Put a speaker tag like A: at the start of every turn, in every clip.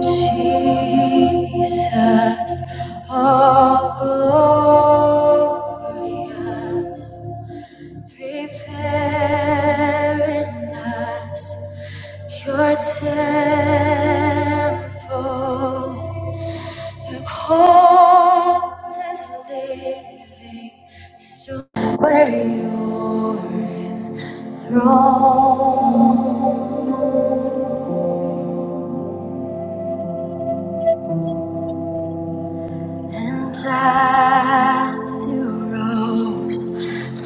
A: Jesus, all glorious, preparing us your temple. You cold us living stone where you are enthroned. And as you rose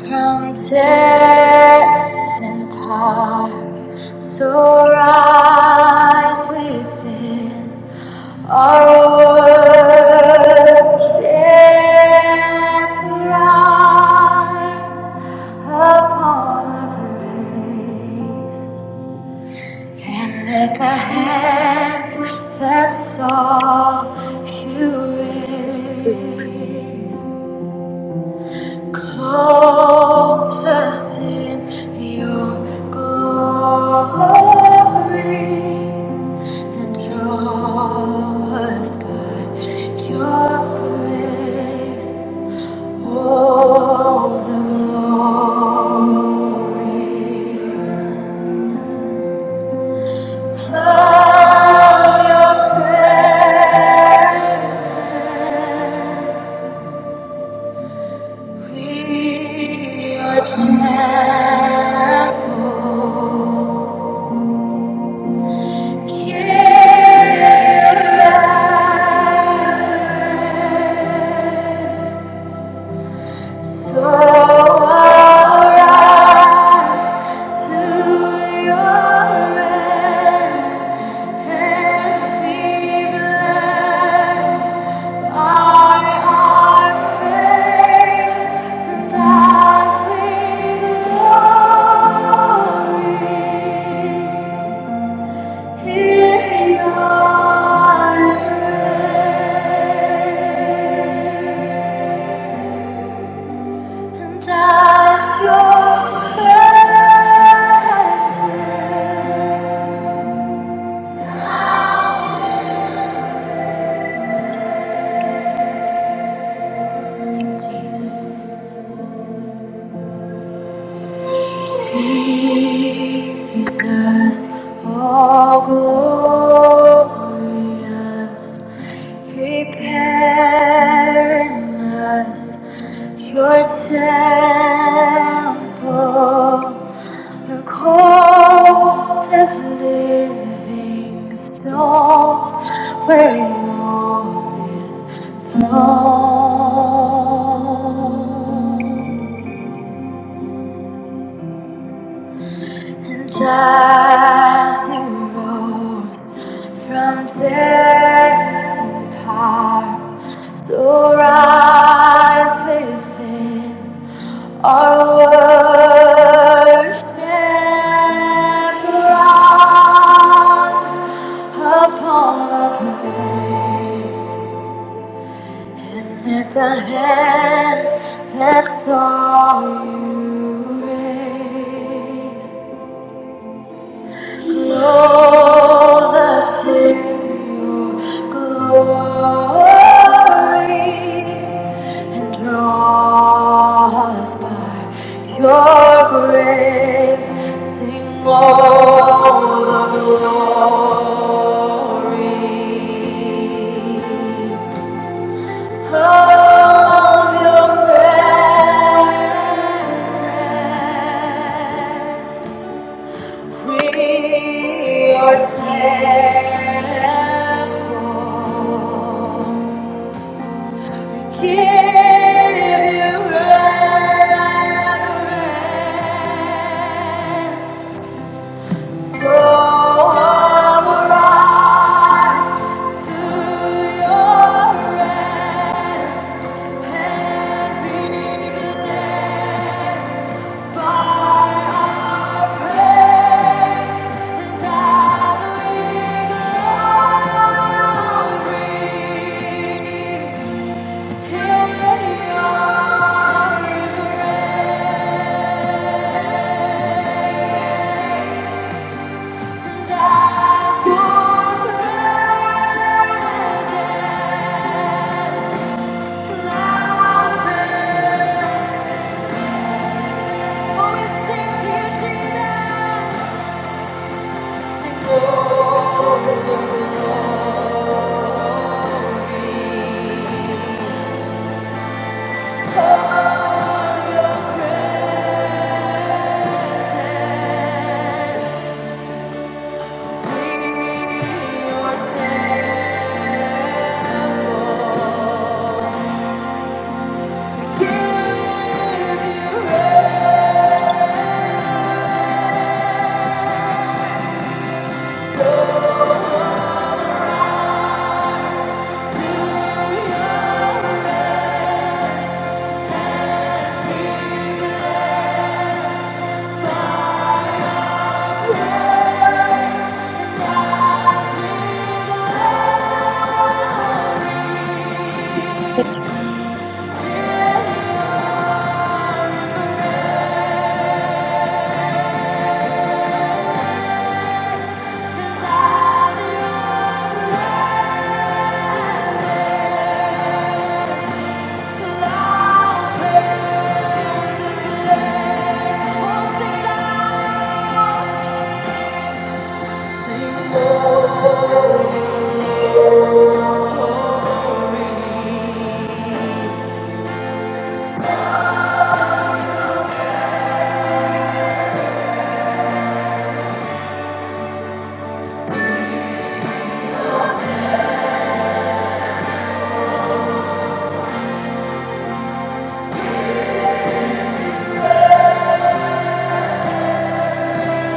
A: from death and power, so rise within our worship. Rise upon our praise and let the hand that saw you raise. Clothe us in your glory and draw us by your grace. All the glory. Love your presence. We are temple. So arise to your rest and be blessed. Our hearts praise the dazzling glory. Hear your praise. and as your presence. Jesus, all glorious, preparing us your temple, your cold as living stones where you're enthroned. And as you rose from death in power, so rise within our worship rise upon our praise. And let the hands that saw you raise Clothe us in your glory and draw us by your grace. Sing all the glory of your presence. We are temple. Give you reverence. Throw our eyes to your rest and be blessed by our praise and our Glory, Thank you.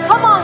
A: Come on!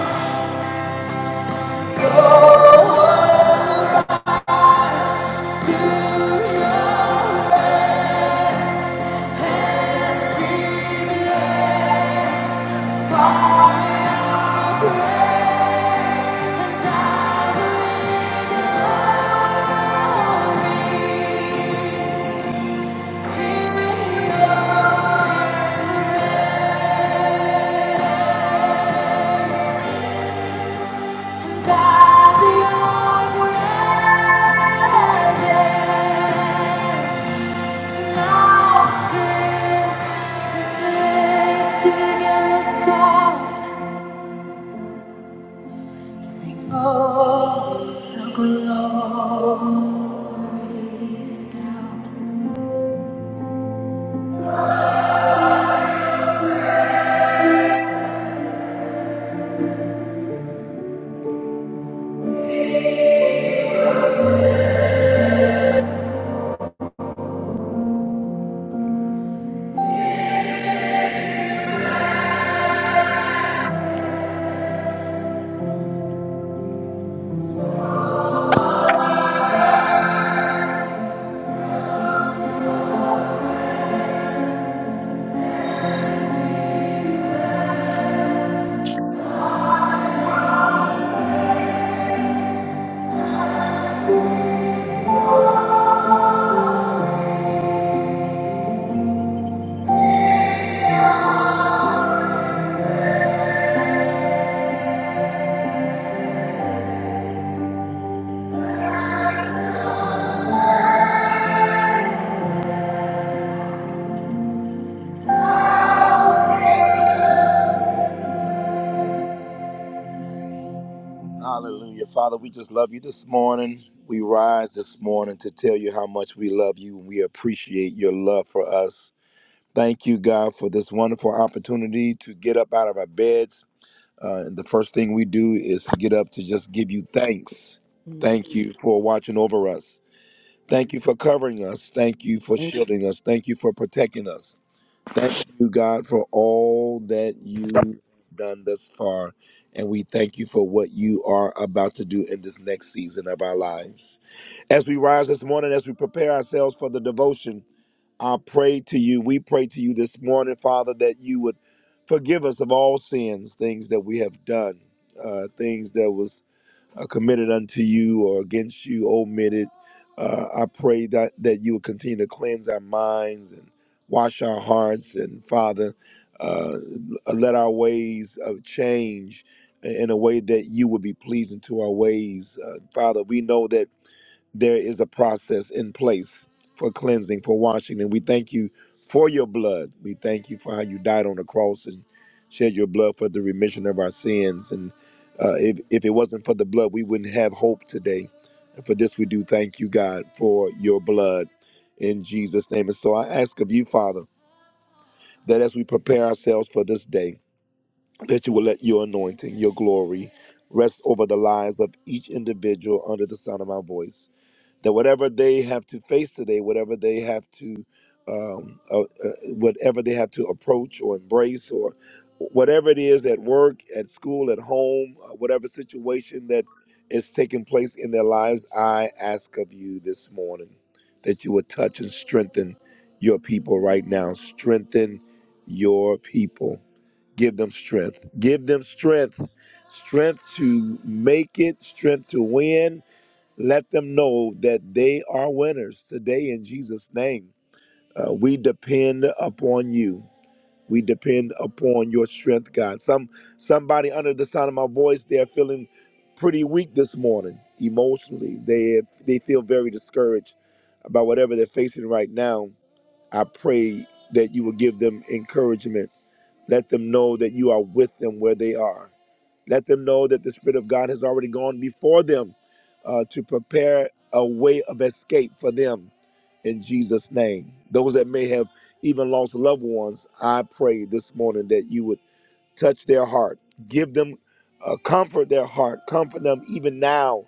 A: Hallelujah. Father, we just love you this morning. We rise this morning to tell you how much we love you and we appreciate your love for us. Thank you, God, for this wonderful opportunity to get up out of our beds. Uh, and the first thing we do is to get up to just give you thanks.
B: Mm. Thank
A: Thank you for watching over us. Thank you for covering us. Thank you for
B: you.
A: shielding us. Thank you for protecting us. Thank you, God, for all that you have done thus far. And we thank you for what you are about to do in this next season of our lives. As we rise this morning, as we prepare ourselves for the devotion, I pray to you, we pray to you this morning, Father, that you would forgive us of all sins, things that we have done, uh, things that was uh, committed unto you or against you omitted. Uh, I pray that, that you will continue to cleanse our minds and wash our hearts. And Father, uh, let our ways of change in a way that you would be pleasing to our ways. Uh, Father, we know that there is a process in place for cleansing, for washing. And we thank you for your blood. We thank you for how you died on the cross and shed your blood for the remission of our sins. And uh, if, if it wasn't for the blood, we wouldn't have hope today. And for this, we do thank you, God, for your blood in Jesus' name. And so I ask of you, Father, that as we prepare ourselves for this day, that you will let your anointing, your glory, rest over the lives of each individual under the sound of my voice that whatever they have to face today, whatever they have to, um, uh, uh, whatever they have to approach or embrace or whatever it is at work, at school, at home, uh, whatever situation that is taking place in their lives, I ask of you this morning that you would touch and strengthen your people right now. Strengthen your people. Give them strength. Give them strength. Strength to make it, strength to win, let them know that they are winners today in Jesus' name. Uh, we depend upon you. We depend upon your strength, God. Some somebody under the sound of my voice, they are feeling pretty weak this morning emotionally. They they feel very discouraged about whatever they're facing right now. I pray that you will give them encouragement let them know that you are with them where they are. Let them know that the Spirit of God has already gone before them uh, to prepare a way of escape for them in Jesus' name. Those that may have even lost loved ones, I pray this morning that you would touch their heart give them uh, comfort their heart comfort them even now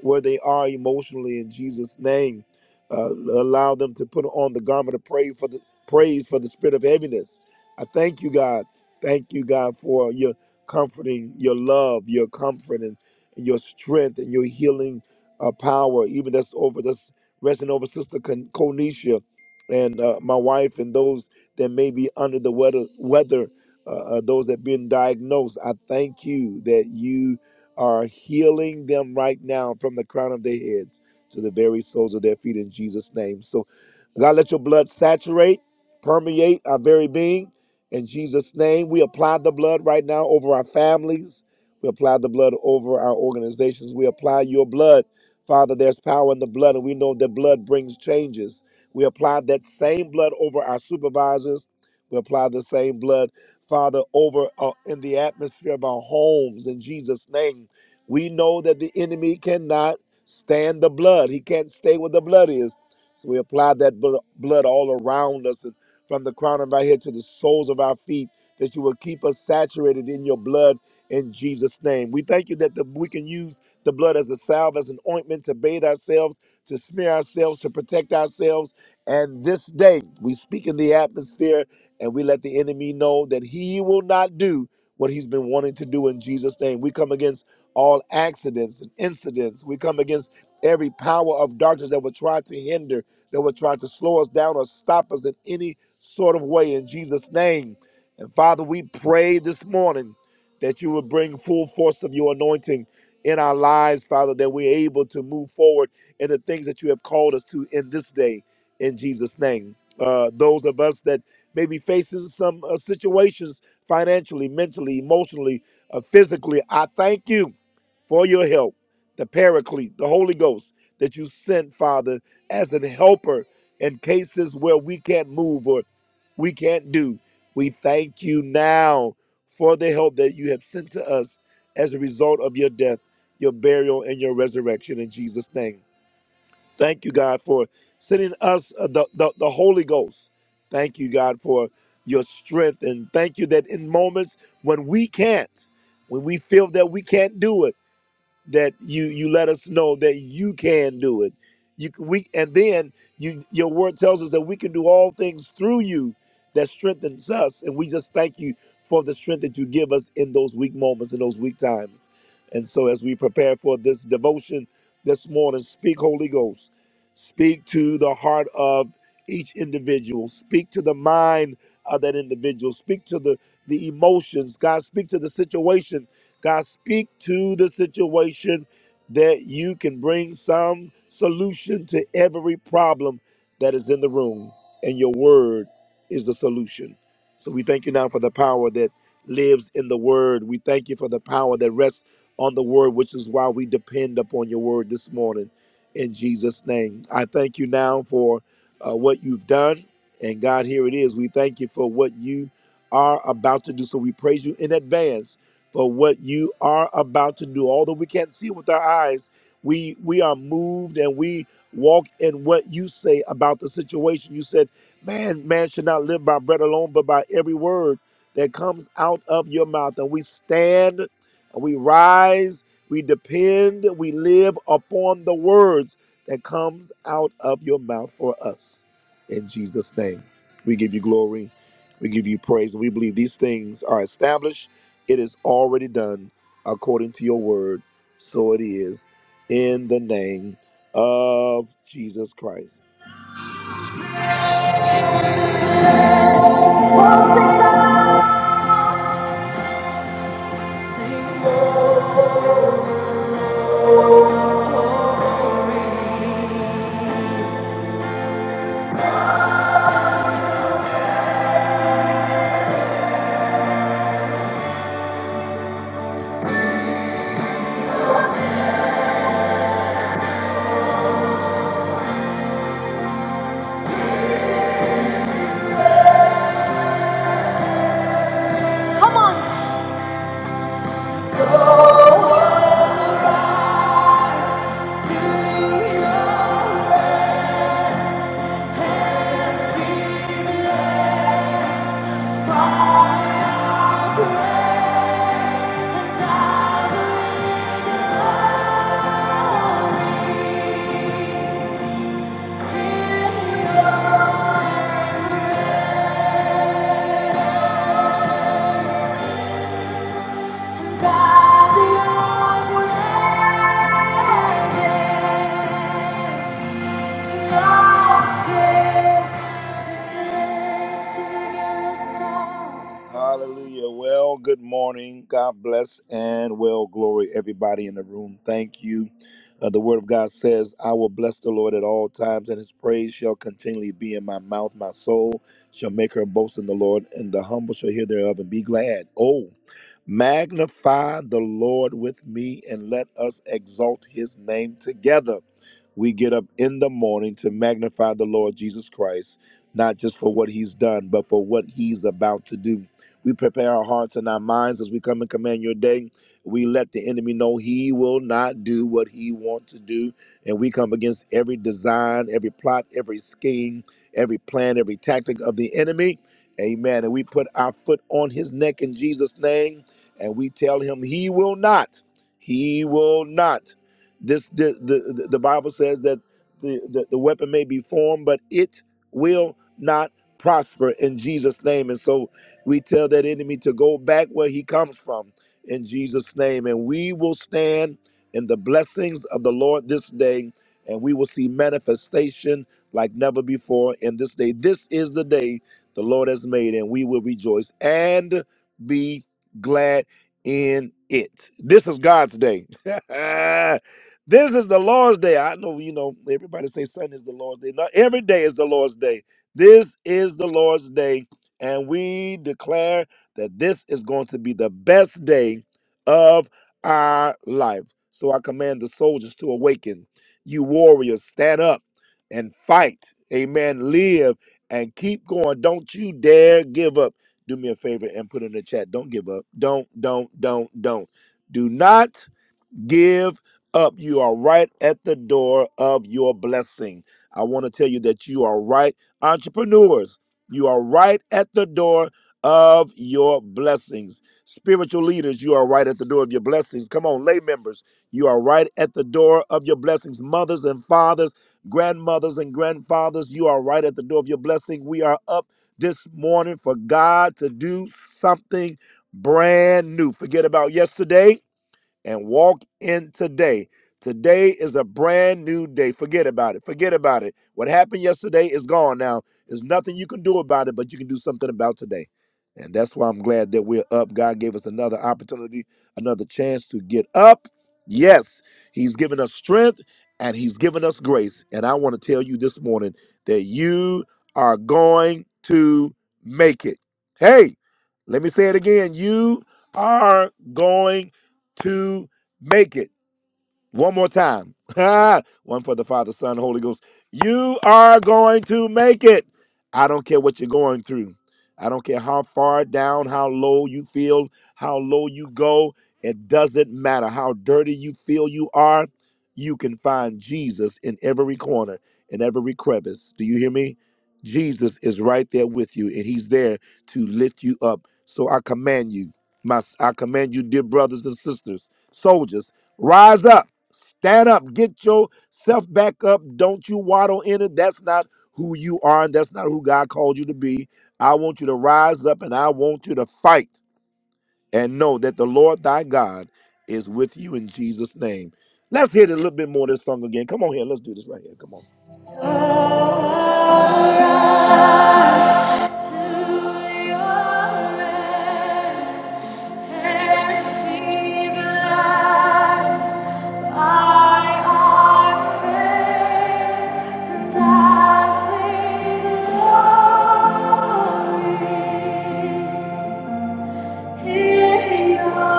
A: where they are emotionally in jesus name uh, allow them to put on the garment of praise for the praise for the spirit of heaviness i thank you god thank you god for your comforting your love your comfort and your strength and your healing uh, power even that's over that's resting over sister Con- Conisha and uh, my wife and those that may be under the weather weather uh, uh, those that have been diagnosed. I thank you that you are healing them right now from the crown of their heads to the very soles of their feet in Jesus' name. So, God, let your blood saturate, permeate our very being. In Jesus' name, we apply the blood right now over our families. We apply the blood over our organizations. We apply your blood. Father, there's power in the blood, and we know that blood brings changes. We apply that same blood over our supervisors. We apply the same blood Father, over uh, in the atmosphere of our homes in Jesus' name. We know that the enemy cannot stand the blood, he can't stay where the blood is. So we apply that bl- blood all around us and from the crown of our head to the soles of our feet, that you will keep us saturated in your blood in Jesus' name. We thank you that the, we can use the blood as a salve, as an ointment to bathe ourselves, to smear ourselves, to protect ourselves. And this day, we speak in the atmosphere and we let the enemy know that he will not do what he's been wanting to do in Jesus' name. We come against all accidents and incidents. We come against every power of darkness that would try to hinder, that would try to slow us down or stop us in any sort of way in Jesus' name. And Father, we pray this morning that you would bring full force of your anointing in our lives, Father, that we're able to move forward in the things that you have called us to in this day, in Jesus' name. Uh, those of us that maybe faces some uh, situations financially, mentally, emotionally, uh, physically. I thank you for your help, the Paraclete, the Holy Ghost that you sent, Father, as an helper in cases where we can't move or we can't do. We thank you now for the help that you have sent to us as a result of your death, your burial, and your resurrection in Jesus' name. Thank you, God, for sending us uh, the, the, the Holy Ghost. Thank you, God, for your strength. And thank you that in moments when we can't, when we feel that we can't do it, that you you let us know that you can do it. You can, we and then you your word tells us that we can do all things through you that strengthens us, and we just thank you for the strength that you give us in those weak moments in those weak times. And so as we prepare for this devotion this morning, speak Holy Ghost, speak to the heart of each individual, speak to the mind of that individual, speak to the the emotions, God, speak to the situation God, speak to the situation that you can bring some solution to every problem that is in the room, and your word is the solution. So we thank you now for the power that lives in the word. We thank you for the power that rests on the word, which is why we depend upon your word this morning. In Jesus' name, I thank you now for uh, what you've done. And God, here it is. We thank you for what you are about to do. So we praise you in advance for what you are about to do. Although we can't see with our eyes, we we are moved and we walk in what you say about the situation. You said, "Man, man should not live by bread alone, but by every word that comes out of your mouth." And we stand, and we rise, we depend, we live upon the words that comes out of your mouth for us. In Jesus' name, we give you glory, we give you praise, and we believe these things are established it is already done according to your word. So it is in the name of Jesus Christ. Come on. God, the Almighty. Hallelujah. Well, good morning. God bless and well glory everybody in the room. Thank you. Uh, the word of God says, I will bless the Lord at all times, and his praise shall continually be in my mouth. My soul shall make her boast in the Lord, and the humble shall hear thereof and be glad. Oh. Magnify the Lord with me and let us exalt his name together. We get up in the morning to magnify the Lord Jesus Christ, not just for what he's done, but for what he's about to do. We prepare our hearts and our minds as we come and command your day. We let the enemy know he will not do what he wants to do. And we come against every design, every plot, every scheme, every plan, every tactic of the enemy. Amen. And we put our foot on his neck in Jesus' name and we tell him he will not he will not this the the, the bible says that the, the the weapon may be formed but it will not prosper in jesus name and so we tell that enemy to go back where he comes from in jesus name and we will stand in the blessings of the lord this day and we will see manifestation like never before in this day this is the day the lord has made and we will rejoice and be glad in it. This is God's day. this is the Lord's day. I know, you know, everybody say Sunday is the Lord's day. Not every day is the Lord's day. This is the Lord's day, and we declare that this is going to be the best day of our life. So I command the soldiers to awaken. You warriors, stand up and fight. Amen. Live and keep going. Don't you dare give up do me a favor and put in the chat. Don't give up. Don't, don't, don't, don't. Do not give up. You are right at the door of your blessing. I want to tell you that you are right, entrepreneurs. You are right at the door of your blessings. Spiritual leaders, you are right at the door of your blessings. Come on, lay members, you are right at the door of your blessings. Mothers and fathers, grandmothers and grandfathers, you are right at the door of your blessing. We are up this morning for God to do something brand new. Forget about yesterday and walk in today. Today is a brand new day. Forget about it. Forget about it. What happened yesterday is gone now. There's nothing you can do about it, but you can do something about today. And that's why I'm glad that we're up. God gave us another opportunity, another chance to get up. Yes, He's given us strength and He's given us grace. And I want to tell you this morning that you are going to make it. Hey, let me say it again. You are going to make it. One more time. One for the Father, Son, Holy Ghost. You are going to make it. I don't care what you're going through. I don't care how far down, how low you feel, how low you go. It doesn't matter how dirty you feel you are. You can find Jesus in every corner, in every crevice. Do you hear me? Jesus is right there with you, and He's there to lift you up. So I command you, my I command you, dear brothers and sisters, soldiers, rise up. Stand up. Get yourself back up. Don't you waddle in it. That's not who you are, and that's not who God called you to be. I want you to rise up and I want you to fight and know that the Lord thy God is with you in Jesus' name. Let's hear it a little bit more of this song again. Come on here. Let's do this right here. Come on. To your rest and be blessed. Thy art great and dazzling glory. In your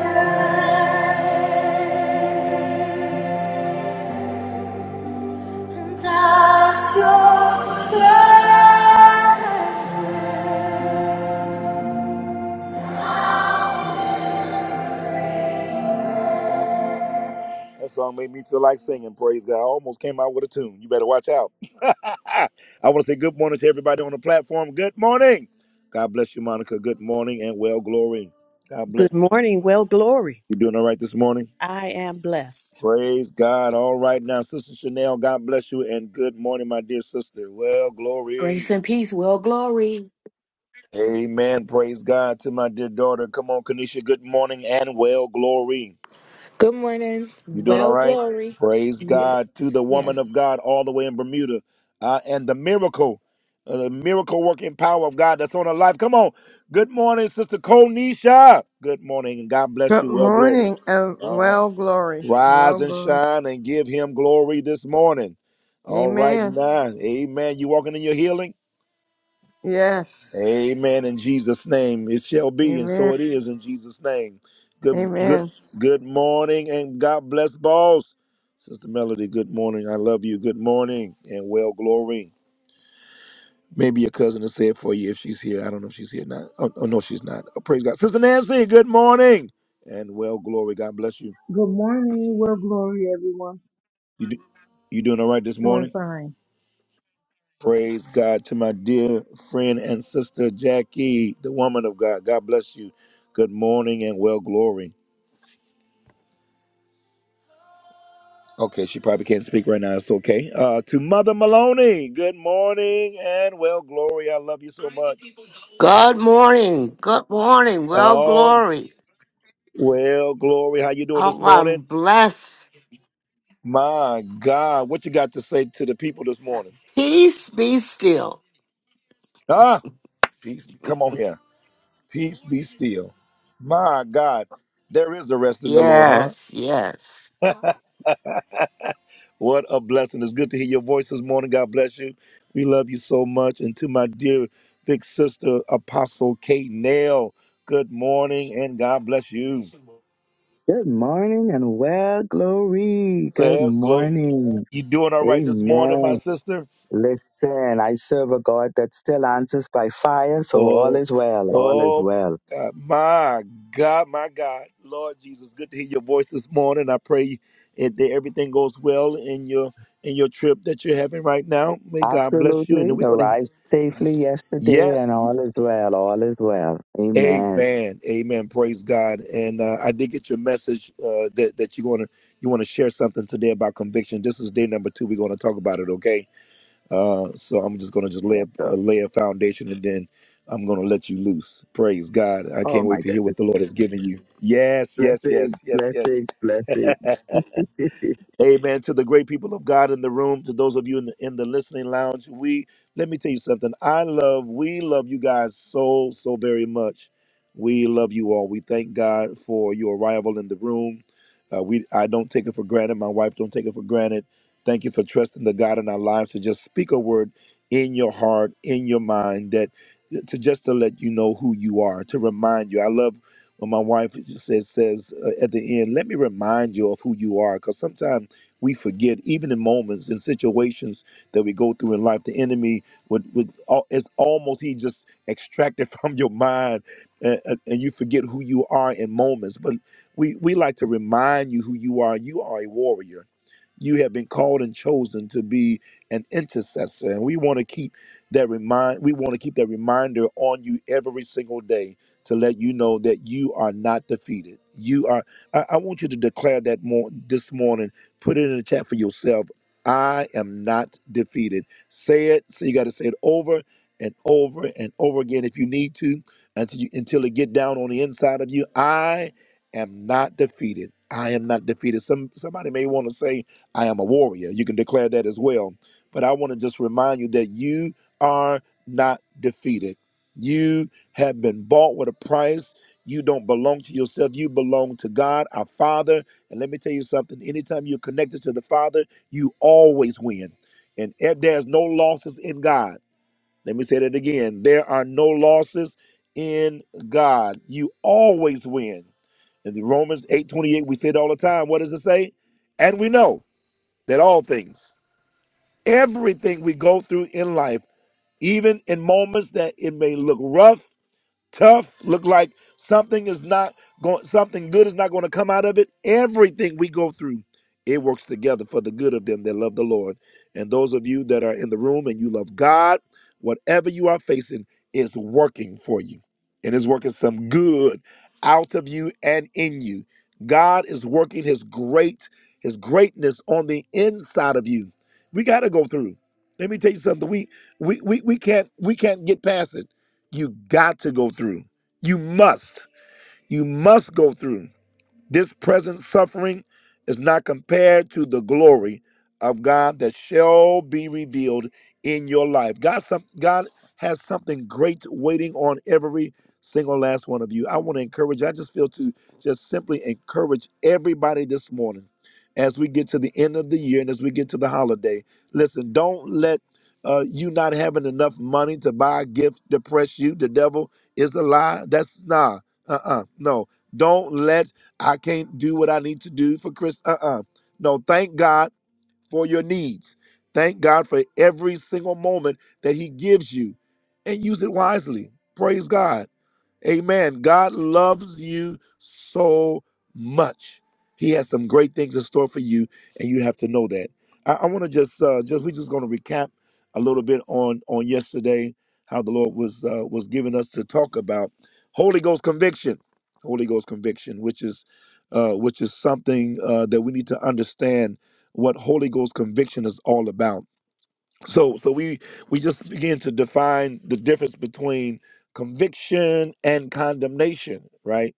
A: grace and as your presence That song made me feel like singing. Praise God! I almost came out with a tune. You better watch out. I want to say good morning to everybody on the platform. Good morning. God bless you, Monica. Good morning and well glory. God bless.
B: Good
A: You
B: morning. Well, glory.
A: You doing all right this morning?
B: I am blessed.
A: Praise God. All right now, Sister Chanel. God bless you and good morning, my dear sister. Well
C: Grace
A: glory.
C: and peace. Well, glory.
A: Amen. Praise God to my dear daughter. Come on, Kanisha. Good morning and well glory.
D: Good morning.
A: You doing all
D: Well,
A: right?
D: glory.
A: Praise
D: Ye-
A: God to the woman of
D: Yes.
A: God all the way in Bermuda uh, and the miracle, uh, the miracle working power of God that's on her life. Come on. Good morning, Sister Konisha. Good morning, and God bless
E: Good
A: you. Well, glory.
E: morning and
A: Uh,
E: well glory.
A: rise
E: Well
A: and
E: glory.
A: shine and give him glory this morning. All right,
E: Amen.
A: now. Amen. You walking in your healing?
E: Yes.
A: Amen. In Jesus' name, it shall be, and so
E: Amen.
A: it Amen. is. In Jesus' name. Good, good,
E: Amen.
A: good morning, and God bless boss. Sister Melody. Good morning. I love you. Good morning, and well glory. Maybe your cousin will say it for you if she's here. I don't know if she's here or not. Oh, oh no, she's not. Oh, praise God, Sister Nancy. Good morning, and well glory. God bless you.
F: Good morning. Well, glory, everyone.
A: You, do, you doing all right this
F: Doing
A: morning?
F: fine.
A: Praise God to my dear friend and sister Jackie, the woman of God. God bless you. Good morning and well glory. Okay, she probably can't speak right now. It's okay. Uh, to Mother Maloney, good morning and well, Glory, I love you so much.
G: Good morning. Good morning. Well,
A: Oh,
G: glory.
A: well, Glory, how you doing this
G: Oh, I'm
A: morning?
G: blessed.
A: My God, what you got to say to the people this morning?
G: Peace be still.
A: Ah, peace, come on here. Peace be still. My God, there is a rest in the Lord, huh?
G: Yes, yes.
A: What a blessing. It's good to hear your voice this morning. God bless you. We love you so much. And to my dear big sister, Apostle Kate Nail, good morning and God bless you.
H: Good morning and well, glory. Good
A: Well, glory.
H: morning.
A: You doing all right this morning, my
H: Amen.
A: sister?
H: Listen, I serve a God that still answers by fire, so all
A: Oh,
H: is well. All is
A: oh,
H: well.
A: my God, my God, my God, Lord Jesus, good to hear your voice this morning. I pray that everything goes well in your in your trip that you're having right now. May God bless you,
H: Absolutely.
A: and we're going
H: Arrived
A: to.
H: safely yesterday,
A: Yes,
H: and all is well. All is well. Amen.
A: Amen. Amen. Praise God. And uh, I did get your message uh, that that you're gonna you want to share something today about conviction. This is day number two. We're gonna talk about it. Okay. Uh, so I'm just gonna just lay a,
H: Yes, sir.
A: uh, lay a foundation, and then I'm gonna let you loose. Praise God. I
H: Oh,
A: can't wait
H: my
A: to hear
H: goodness.
A: what the Lord has given you. Yes. Yes. Yes.
H: Blessings,
A: Yes.
H: blessings,
A: Yes.
H: blessings.
A: Amen. To the great people of God in the room, to those of you in the, in the listening lounge, we let me tell you something. I love, we love you guys so so very much. We love you all. We thank God for your arrival in the room. Uh, we I don't take it for granted. My wife don't take it for granted. Thank you for trusting the God in our lives to just speak a word in your heart, in your mind, that to just to let you know who you are, to remind you. I love when my wife just says says uh, at the end, let me remind you of who you are, because sometimes we forget, even in moments, in situations that we go through in life, the enemy would, would al- it's almost he just extracted from your mind and, and you forget who you are in moments. But we, we like to remind you who you are. You are a warrior. You have been called and chosen to be an intercessor. And we want to keep that remind we want to keep that reminder on you every single day to let you know that you are not defeated. You are I, I want you to declare that more this morning Put it in the chat for yourself. I am not defeated. Say it. So you got to say it over and over and over again if you need to until you until it get down on the inside of you. I am not defeated. I am not defeated. Some somebody may want to say I am a warrior. You can declare that as well. But I want to just remind you that you are not defeated. You have been bought with a price. You don't belong to yourself. You belong to God, our Father and let me tell you something anytime you're connected to the Father, you always win. And if there's no losses in God, let me say that again there are no losses in God. You always win. In the Romans 8 28, we say it all the time. What does it say? And we know that all things, everything we go through in life, even in moments that it may look rough tough, look like something is not going something good is not going to come out of it. Everything we go through, it works together for the good of them that love the Lord. And those of you that are in the room and you love God, whatever you are facing is working for you. And is working some good out of you and in you. God is working his great his greatness on the inside of you. We got to go through. Let me tell you something. We we we, we can't we can't get past it you got to go through. You must. You must go through. This present suffering is not compared to the glory of God that shall be revealed in your life. God, some, God has something great waiting on every single last one of you. I want to encourage, I just feel to just simply encourage everybody this morning as we get to the end of the year and as we get to the holiday. Listen, don't let uh, you not having enough money to buy a gift depress you. The devil is a lie. That's nah. Uh-uh. No. Don't let I can't do what I need to do for Chris. Uh uh No, thank God for your needs. Thank God for every single moment that He gives you and use it wisely. Praise God. Amen. God loves you so much. He has some great things in store for you, and you have to know that. I, I want to just, uh, just we're just going to recap a little bit on on yesterday how the Lord was uh, was giving us to talk about Holy Ghost conviction, Holy Ghost conviction, which is uh, which is something uh, that we need to understand what Holy Ghost conviction is all about so so we we just begin to define the difference between conviction and condemnation, right?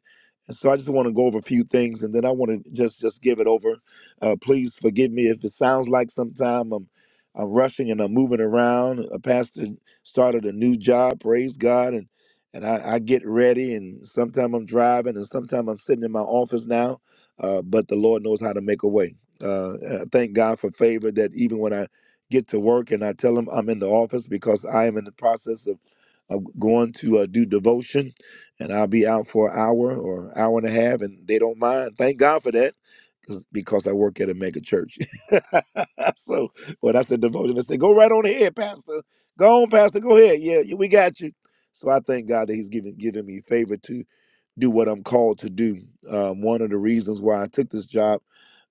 A: And so I just want to go over a few things, and then I want to just just give it over. Uh, please forgive me if it sounds like sometime I'm I'm rushing and I'm moving around. A pastor started a new job, praise God, and and I, I get ready, and sometimes I'm driving, and sometimes I'm sitting in my office now. Uh, but the Lord knows how to make a way. Uh, I thank God for favor that even when I get to work and I tell them I'm in the office because I am in the process of, of going to uh, do devotion and I'll be out for an hour or hour and a half and they don't mind. Thank God for that 'cause- because I work at a mega church. so when I said devotion, I said, go right on ahead, Pastor. Go on, Pastor. Go ahead. Yeah, yeah, we got you. So I thank God that He's given given me favor to do what I'm called to do. Um, one of the reasons why I took this job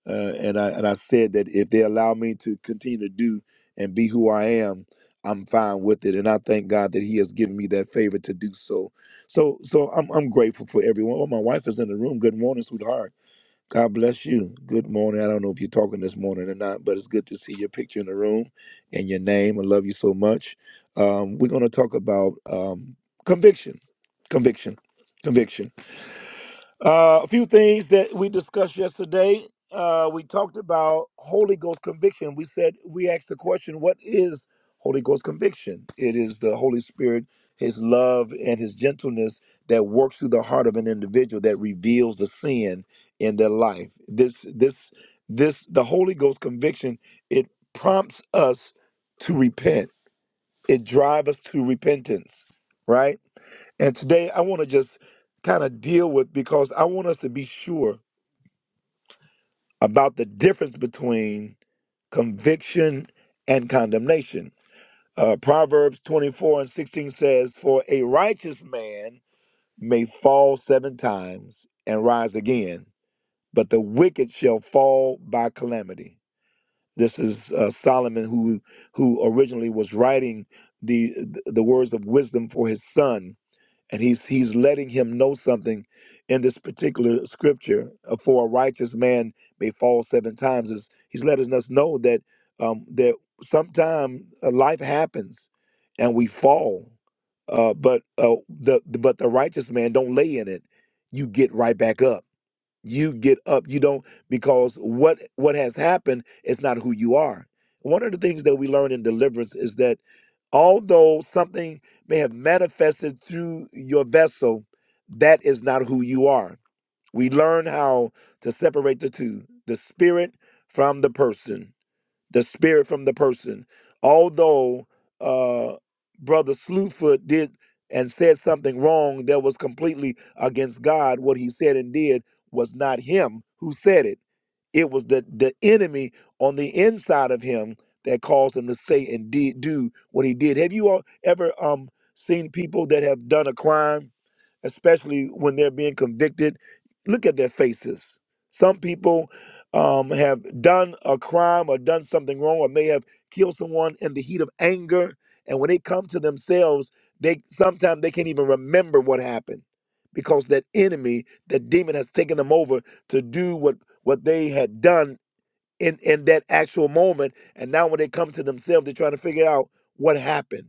A: uh, and I and I said that if they allow me to continue to do and be who I am, I'm fine with it. And I thank God that He has given me that favor to do so. So so I'm I'm grateful for everyone. Oh, my wife is in the room. Good morning, sweetheart. God bless you. Good morning. I don't know if you're talking this morning or not, but it's good to see your picture in the room and your name. I love you so much. Um, we're going to talk about um, conviction, conviction, conviction. Uh, a few things that we discussed yesterday. Uh, we talked about Holy Ghost conviction. We said we asked the question, "What is Holy Ghost conviction?" It is the Holy Spirit, His love and His gentleness that works through the heart of an individual that reveals the sin in their life. This, this, this, the Holy Ghost conviction. It prompts us to repent. It drives us to repentance, right? And today I want to just kind of deal with because I want us to be sure about the difference between conviction and condemnation. Uh, Proverbs 24 and 16 says, For a righteous man may fall seven times and rise again, but the wicked shall fall by calamity. This is uh, Solomon who who originally was writing the the words of wisdom for his son and he's he's letting him know something in this particular scripture uh, for a righteous man may fall seven times is he's letting us know that um that sometime uh, life happens and we fall uh but uh the the- but the righteous man don't lay in it you get right back up you get up you don't because what what has happened is not who you are one of the things that we learn in deliverance is that although something may have manifested through your vessel that is not who you are we learn how to separate the two the spirit from the person the spirit from the person. Although uh, Brother Slewfoot did and said something wrong that was completely against God, what he said and did was not him who said it. It was the, the enemy on the inside of him that caused him to say and did do what he did. Have you all ever um, seen people that have done a crime, especially when they're being convicted? Look at their faces. Some people um, have done a crime or done something wrong or may have killed someone in the heat of anger and when they come to themselves they sometimes they can't even remember what happened because that enemy that demon has taken them over to do what what they had done in in that actual moment and now when they come to themselves they're trying to figure out what happened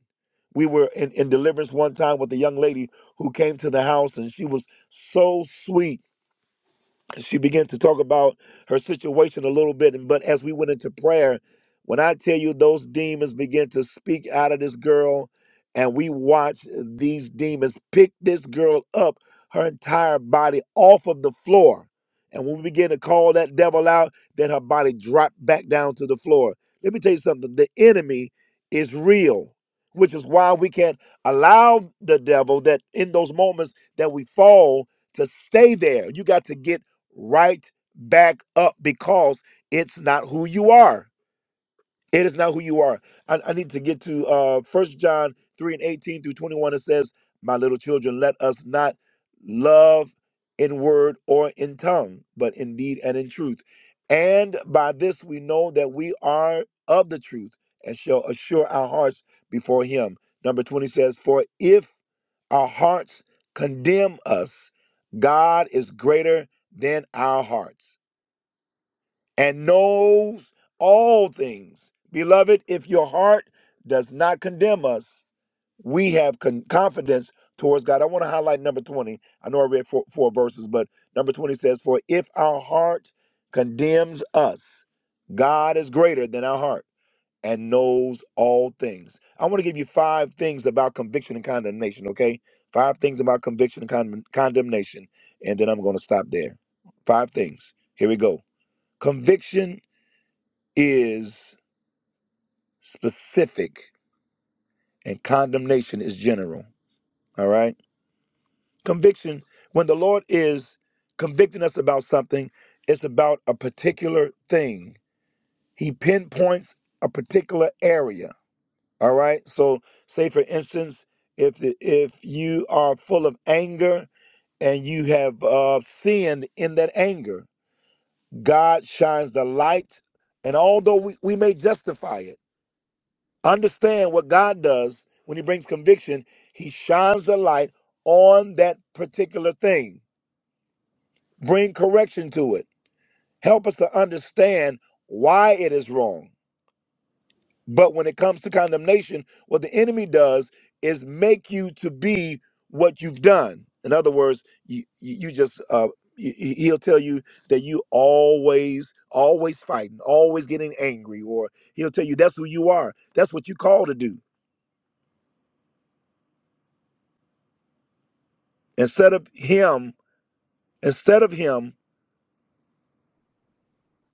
A: we were in, in deliverance one time with a young lady who came to the house and she was so sweet she began to talk about her situation a little bit. And but as we went into prayer, when I tell you those demons began to speak out of this girl, and we watched these demons pick this girl up, her entire body off of the floor. And when we began to call that devil out, then her body dropped back down to the floor. Let me tell you something. The enemy is real, which is why we can't allow the devil that in those moments that we fall to stay there. You got to get right back up because it's not who you are. It is not who you are. I, I need to get to uh First John three and eighteen through twenty one. It says, "My little children, let us not love in word or in tongue, but in deed and in truth. And by this we know that we are of the truth, and shall assure our hearts before Him." Number twenty says, "For if our hearts condemn us, God is greater than our hearts." and knows all things. Beloved, if your heart does not condemn us, we have con- confidence towards God. I want to highlight number 20. I know I read four, four verses, but number 20 says, For if our heart condemns us, God is greater than our heart and knows all things. I want to give you five things about conviction and condemnation, okay? Five things about conviction and con- condemnation, and then I'm going to stop there. Five things. Here we go. Conviction is specific and condemnation is general. All right. Conviction, when the Lord is convicting us about something, it's about a particular thing. He pinpoints a particular area. All right. So, say for instance, if the, if you are full of anger and you have uh, sinned in that anger, God shines the light, and although we, we may justify it. Understand what God does when He brings conviction, He shines the light on that particular thing. Bring correction to it. Help us to understand why it is wrong. But when it comes to condemnation, what the enemy does is make you to be what you've done. In other words, you, you you just, uh, he- he- he'll tell you that you always, always fighting, always getting angry, or he'll tell you that's who you are. That's what you call to do. Instead of him instead of him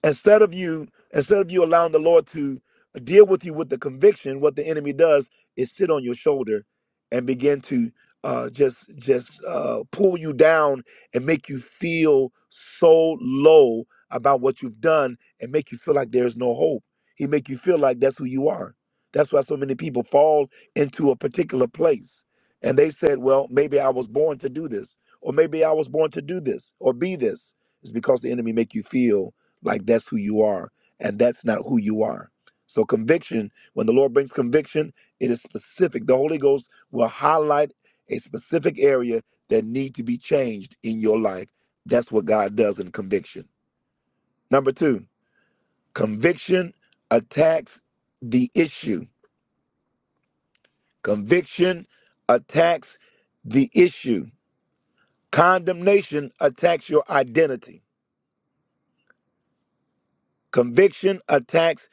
A: instead of you instead of you allowing the lord to deal with you with the conviction what the enemy does is sit on your shoulder and begin to uh, just just uh, pull you down and make you feel so low about what you've done and make you feel like there's no hope he make you feel like that's who you are that's why so many people fall into a particular place and they said well maybe i was born to do this or maybe i was born to do this or be this it's because the enemy make you feel like that's who you are, and that's not who you are. So conviction, when the Lord brings conviction, it is specific. The Holy Ghost will highlight a specific area that need to be changed in your life. That's what God does in conviction. Number 2, conviction attacks the issue. Conviction attacks the issue. Condemnation attacks your identity. Conviction attacks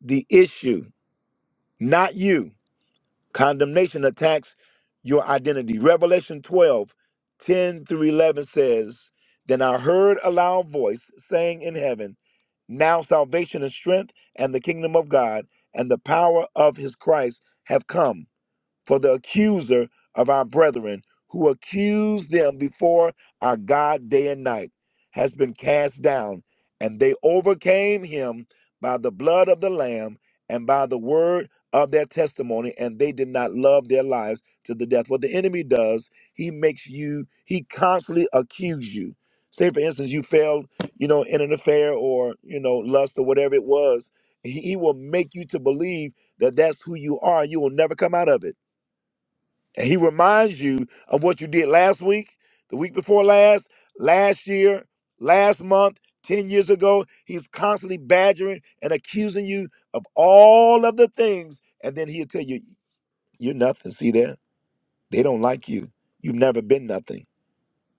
A: the issue, not you. Condemnation attacks your identity. Revelation 12 10 through 11 says, Then I heard a loud voice saying in heaven, 'Now salvation and strength and the kingdom of God and the power of his Christ have come for the accuser of our brethren who accused them before our God day and night has been cast down, and they overcame him by the blood of the Lamb and by the word of their testimony, and they did not love their lives to the death. What the enemy does, he makes you, he constantly accuses you. Say, for instance, you failed, you know, in an affair or, you know, lust or whatever it was. He, he will make you to believe that that's who you are. You will never come out of it and he reminds you of what you did last week, the week before last, last year, last month, 10 years ago. He's constantly badgering and accusing you of all of the things. And then he'll tell you, you're nothing. See there? They don't like you. You've never been nothing.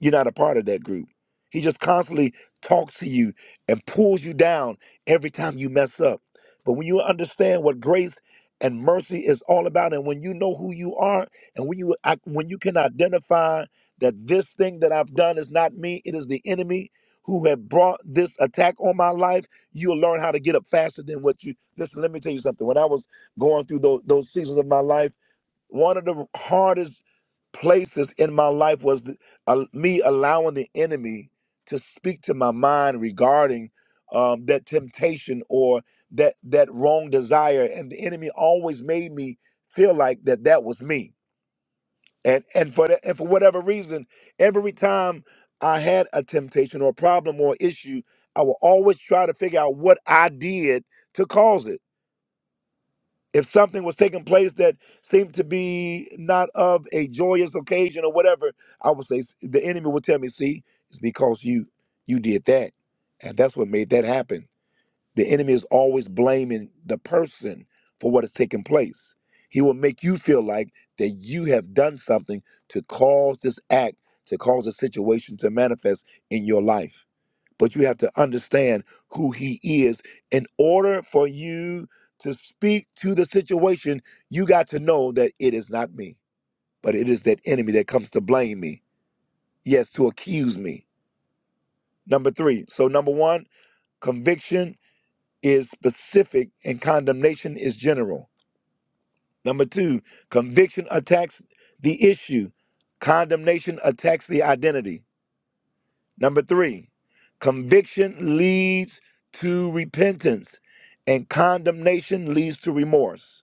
A: You're not a part of that group. He just constantly talks to you and pulls you down every time you mess up. But when you understand what grace and mercy is all about, and when you know who you are, and when you I- when you can identify that this thing that I've done is not me, it is the enemy who have brought this attack on my life, you'll learn how to get up faster than what you. Listen, let me tell you something. When I was going through those, those seasons of my life one of the hardest places in my life was the, uh, me allowing the enemy to speak to my mind regarding um, that temptation or that that wrong desire, and the enemy always made me feel like that that was me. And and for that, and for whatever reason, every time I had a temptation or a problem or issue, I would always try to figure out what I did to cause it if something was taking place that seemed to be not of a joyous occasion or whatever, I would say the enemy would tell me, "See, it's because you you did that, and that's what made that happen." The enemy is always blaming the person for what is taking place. He will make you feel like that you have done something to cause this act, to cause a situation to manifest in your life but you have to understand who he is. In order for you to speak to the situation, you got to know that it is not me, but it is that enemy that comes to blame me, yes, to accuse me. Number three. So, number one, conviction is specific and condemnation is general. Number two, conviction attacks the issue, condemnation attacks the identity. Number three, conviction leads to repentance and condemnation leads to remorse.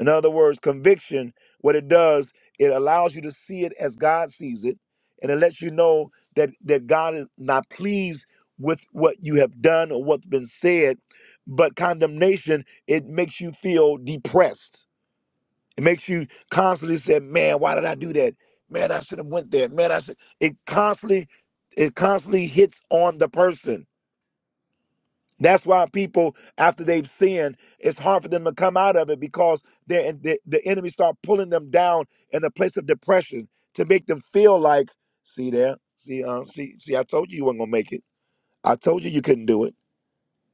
A: In other words, conviction, what it does, it allows you to see it as God sees it, and it lets you know that, that God is not pleased with what you have done or what's been said. But condemnation, it makes you feel depressed it makes you constantly say, "Man, why did I do that? Man, I should have went there. Man, I should." It constantly, it constantly hits on the person. That's why people, after they've sinned, it's hard for them to come out of it because they the, the enemy start pulling them down in a place of depression to make them feel like, see there, see, uh, see, see, I told you you weren't gonna make it. I told you you couldn't do it.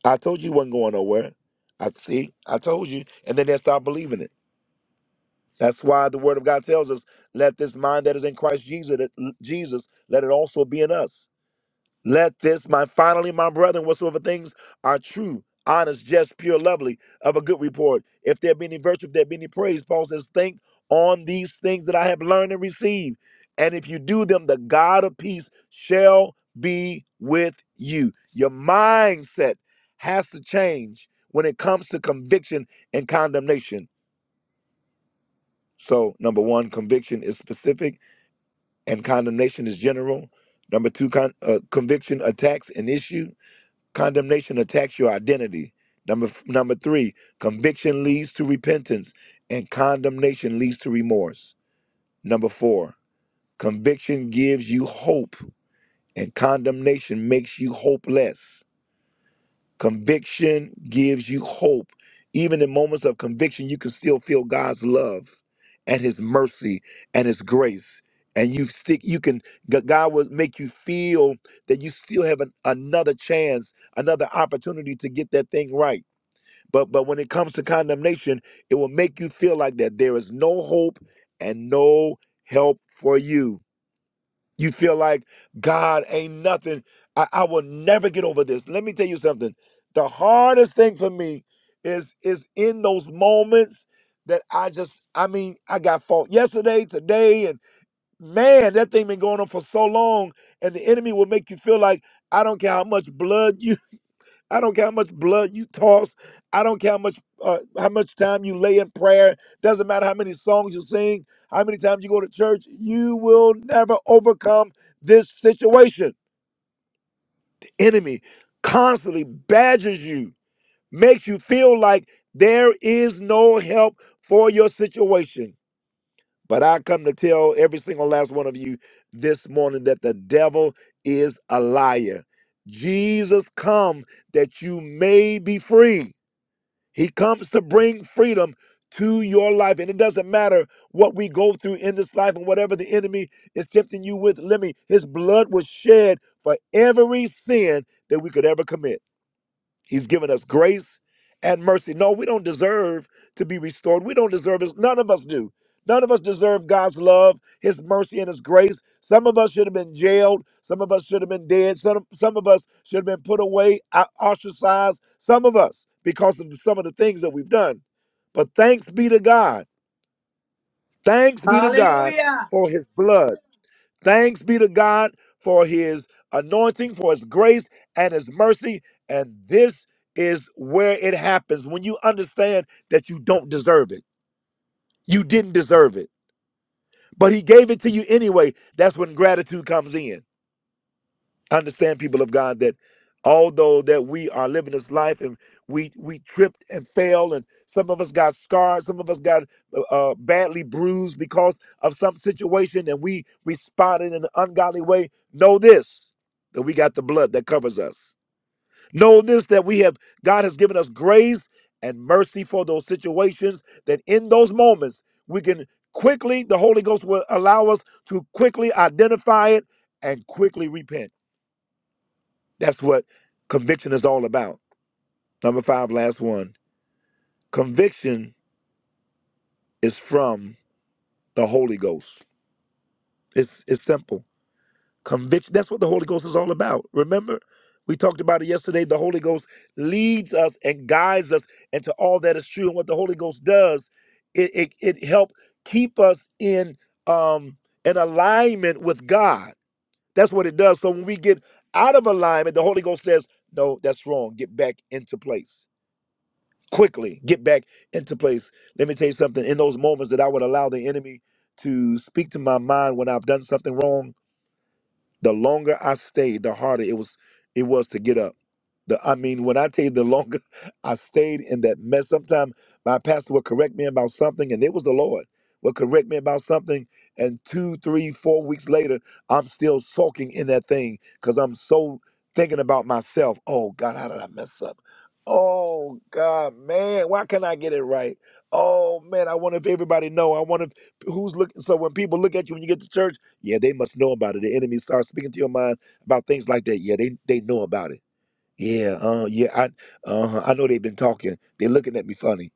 A: I told you you wasn't going nowhere. I see, I told you, and then they start believing it. That's why the word of God tells us, let this mind that is in Christ Jesus, Jesus, let it also be in us. Let this, my finally, my brethren, whatsoever things are true, honest, just, pure, lovely, of a good report. If there be any virtue, if there be any praise, Paul says, think on these things that I have learned and received. And if you do them, the God of peace shall be with you. Your mindset has to change when it comes to conviction and condemnation so, number one, conviction is specific and condemnation is general. Number two, con- uh, conviction attacks an issue. Condemnation attacks your identity. Number f- number three, conviction leads to repentance and condemnation leads to remorse. Number four, conviction gives you hope and condemnation makes you hopeless. Conviction gives you hope. Even in moments of conviction, you can still feel God's love and his mercy and his grace. And you stick you can G- God will make you feel that you still have an, another chance, another opportunity to get that thing right. But but when it comes to condemnation, it will make you feel like that there is no hope and no help for you. You feel like God ain't nothing. I, I will never get over this. Let me tell you something. The hardest thing for me is is in those moments that I just I mean I got fought yesterday, today, and man, that thing been going on for so long, and the enemy will make you feel like I don't care how much blood you. I don't care how much blood you toss. I don't care how much uh, how much time you lay in prayer. Doesn't matter how many songs you sing, how many times you go to church. You will never overcome this situation. The enemy constantly badgers you, makes you feel like there is no help for your situation. But I come to tell every single last one of you this morning that the devil is a liar. Jesus come that you may be free. He comes to bring freedom to your life. And it doesn't matter what we go through in this life and whatever the enemy is tempting you with. Let me, his blood was shed for every sin that we could ever commit. He's given us grace and mercy. No, we don't deserve to be restored. We don't deserve this. None of us do. None of us deserve God's love, His mercy, and His grace. Some of us should have been jailed. Some of us should have been dead. Some, some of us should have been put away, o- ostracized. Some of us because of some of the things that we've done. But thanks be to God. Thanks be to God
I: Hallelujah.
A: for His blood. Thanks be to God for his anointing, for his grace, and his mercy. And this is where it happens when you understand that you don't deserve it. You didn't deserve it, but he gave it to you anyway. That's when gratitude comes in understand people of god that although that we are living this life and we we tripped and fell and some of us got scarred some of us got uh, uh, badly bruised because of some situation and we responded in an ungodly way know this that we got the blood that covers us know this that we have god has given us grace and mercy for those situations that in those moments we can quickly the holy ghost will allow us to quickly identify it and quickly repent that's what conviction is all about. Number five, last one. Conviction is from the Holy Ghost. It's it's simple. Conviction. That's what the Holy Ghost is all about. Remember, we talked about it yesterday. The Holy Ghost leads us and guides us into all that is true. And what the Holy Ghost does, it it, it helps keep us in um in alignment with God. That's what it does. So when we get out of alignment, the Holy Ghost says, "No, that's wrong. Get back into place." quickly get back into place. Let me tell you something. In those moments that I would allow the enemy to speak to my mind when I've done something wrong, the longer I stayed, the harder it was it was to get up. The I mean, when I tell you the longer I stayed in that mess, sometimes my pastor would correct me about something, and it was the Lord would correct me about something, and two, three, four weeks later, I'm still sulking in that thing because I'm so thinking about myself. Oh God, how did I mess up? Oh God, man, why can't I get it right? Oh man, I wonder if everybody know. I wonder if, who's looking. So when people look at you when you get to church. Yeah, they must know about it. The enemy starts speaking to your mind about things like that. Yeah, they they know about it. Yeah, uh, yeah, I uh, I know they've been talking. They're looking at me funny.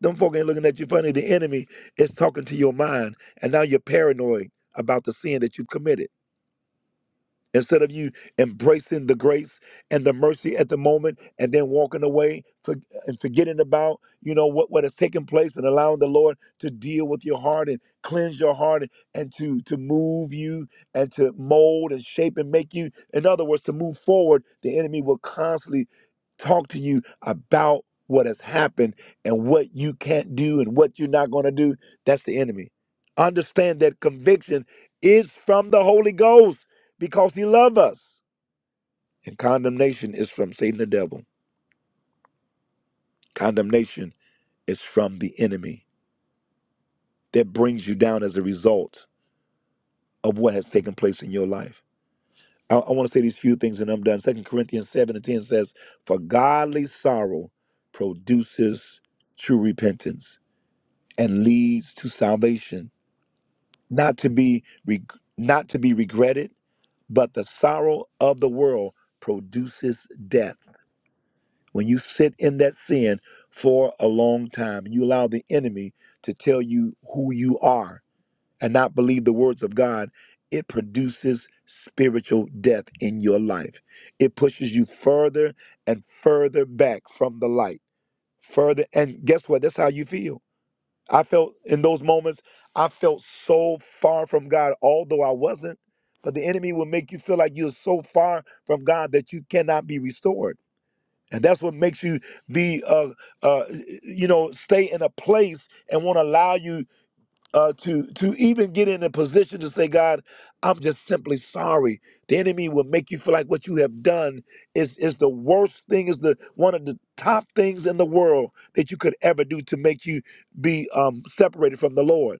A: Them folk ain't looking at you funny. The enemy is talking to your mind, and now you're paranoid about the sin that you've committed. Instead of you embracing the grace and the mercy at the moment and then walking away for, and forgetting about, you know, what, what has taken place and allowing the Lord to deal with your heart and cleanse your heart and, and to, to move you and to mold and shape and make you. In other words, to move forward, the enemy will constantly talk to you about what has happened and what you can't do and what you're not going to do. That's the enemy. Understand that conviction is from the Holy Ghost because he loved us. And condemnation is from Satan the devil. Condemnation is from the enemy that brings you down as a result of what has taken place in your life. I, I want to say these few things and I'm done. Second Corinthians 7 and 10 says, For godly sorrow produces true repentance and leads to salvation, not to be reg- not to be regretted, but the sorrow of the world produces death. When you sit in that sin for a long time and you allow the enemy to tell you who you are and not believe the words of God, it produces spiritual death in your life. It pushes you further and further back from the light. Further and guess what? That's how you feel. I felt in those moments, I felt so far from God, although I wasn't. But the enemy will make you feel like you're so far from God that you cannot be restored. And that's what makes you be, uh, uh, you know, stay in a place and won't allow you uh, to to even get in a position to say, God, I'm just simply sorry. The enemy will make you feel like what you have done is is the worst thing, is the one of the top things in the world that you could ever do to make you be um, separated from the Lord.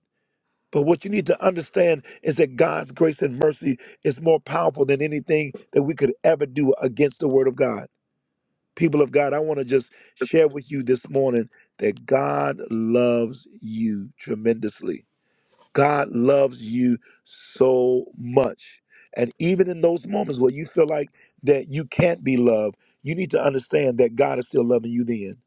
A: But what you need to understand is that God's grace and mercy is more powerful than anything that we could ever do against the Word of God. People of God, I want to just share with you this morning that God loves you tremendously. God loves you so much. And even in those moments where you feel like that you can't be loved, you need to understand that God is still loving you then.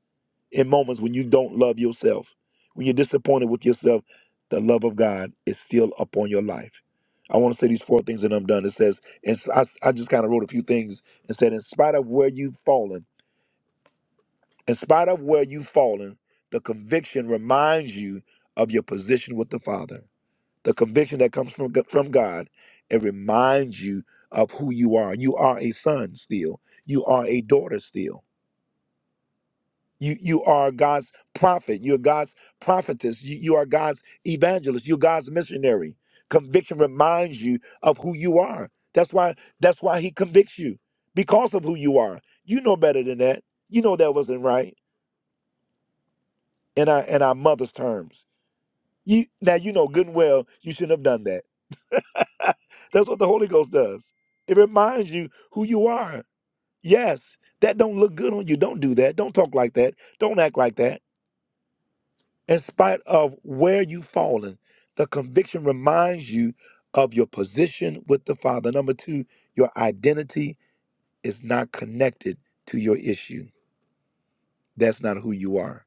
A: In moments when you don't love yourself, when you're disappointed with yourself, the love of God is still upon your life. I want to say these four things and I'm done. It says, and I, I just kind of wrote a few things and said, in spite of where you've fallen, in spite of where you've fallen, the conviction reminds you of your position with the Father. The conviction that comes from, from God, it reminds you of who you are. You are a son still. You are a daughter still. You, you are God's prophet. You're God's prophetess. You, you are God's evangelist. You're God's missionary. Conviction reminds you of who you are. That's why that's why he convicts you because of who you are. You know better than that. You know that wasn't right in our in our mother's terms. You now you know good and well you shouldn't have done that. That's what the Holy Ghost does. It reminds you who you are. Yes, that don't look good on you. Don't do that. Don't talk like that. Don't act like that. In spite of where you've fallen, the conviction reminds you of your position with the Father. Number two, your identity is not connected to your issue. That's not who you are.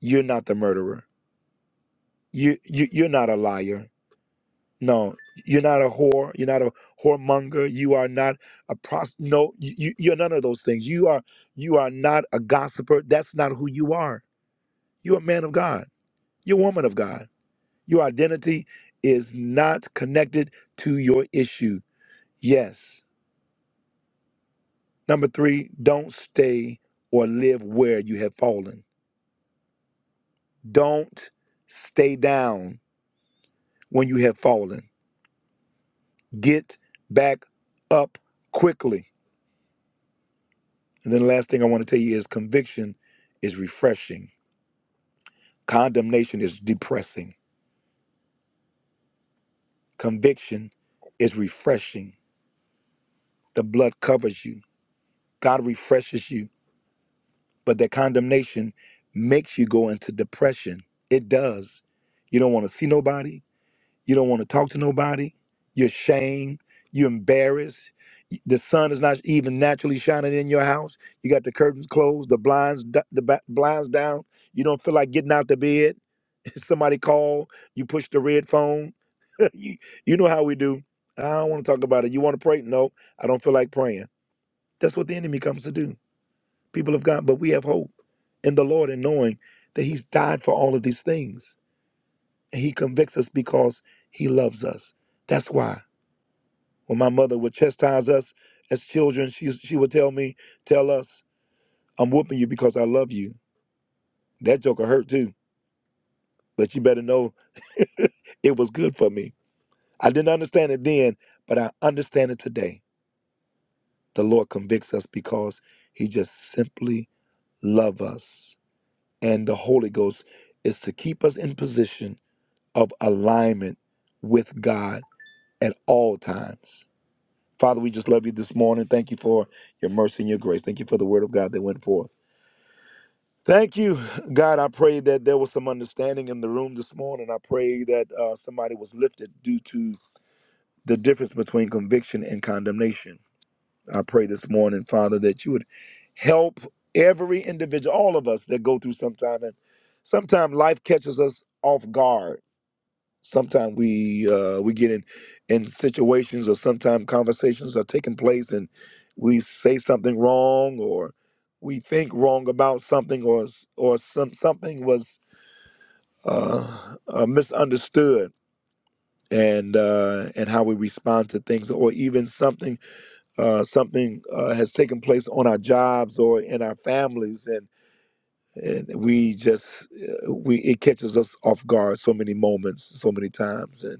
A: You're not the murderer. You, you you're not a liar No, you're not a whore. You're not a whoremonger. You are not a prost. No, you, you- you're none of those things. You are you are not a gossiper. That's not who you are. You're a man of God. You're a woman of God. Your identity is not connected to your issue. Yes. Number three, don't stay or live where you have fallen. Don't stay down when you have fallen. Get back up quickly. And then the last thing I want to tell you is conviction is refreshing. Condemnation is depressing. Conviction is refreshing. The blood covers you. God refreshes you. But that condemnation makes you go into depression. It does. You don't want to see nobody. You don't want to talk to nobody. You're ashamed. You're embarrassed. Y- The sun is not even naturally shining in your house. You got the curtains closed, the blinds, d- the ba- blinds down. You don't feel like getting out the bed. Somebody call. You push the red phone. you, you know how we do. I don't want to talk about it. You want to pray? No, I don't feel like praying. That's what the enemy comes to do. People of God, but we have hope in the Lord and knowing that He's died for all of these things and He convicts us because he loves us. That's why when my mother would chastise us as children, she she would tell me, "Tell us, I'm whooping you because I love you." That joker hurt too, but you better know it was good for me. I didn't understand it then, but I understand it today. The Lord convicts us because He just simply loves us, and the Holy Ghost is to keep us in position of alignment with God at all times. Father, we just love you this morning. Thank you for your mercy and your grace. Thank you for the word of God that went forth. Thank you, God. I pray that there was some understanding in the room this morning. I pray that uh, somebody was lifted due to the difference between conviction and condemnation. I pray this morning, Father, that you would help every individual, all of us that go through sometime. And sometimes life catches us off guard sometimes we uh, we get in in situations or sometimes conversations are taking place and we say something wrong or we think wrong about something or s- or some something was uh, uh, misunderstood and uh, and how we respond to things or even something uh, something uh, has taken place on our jobs or in our families and and we just uh, we it catches us off guard so many moments so many times and.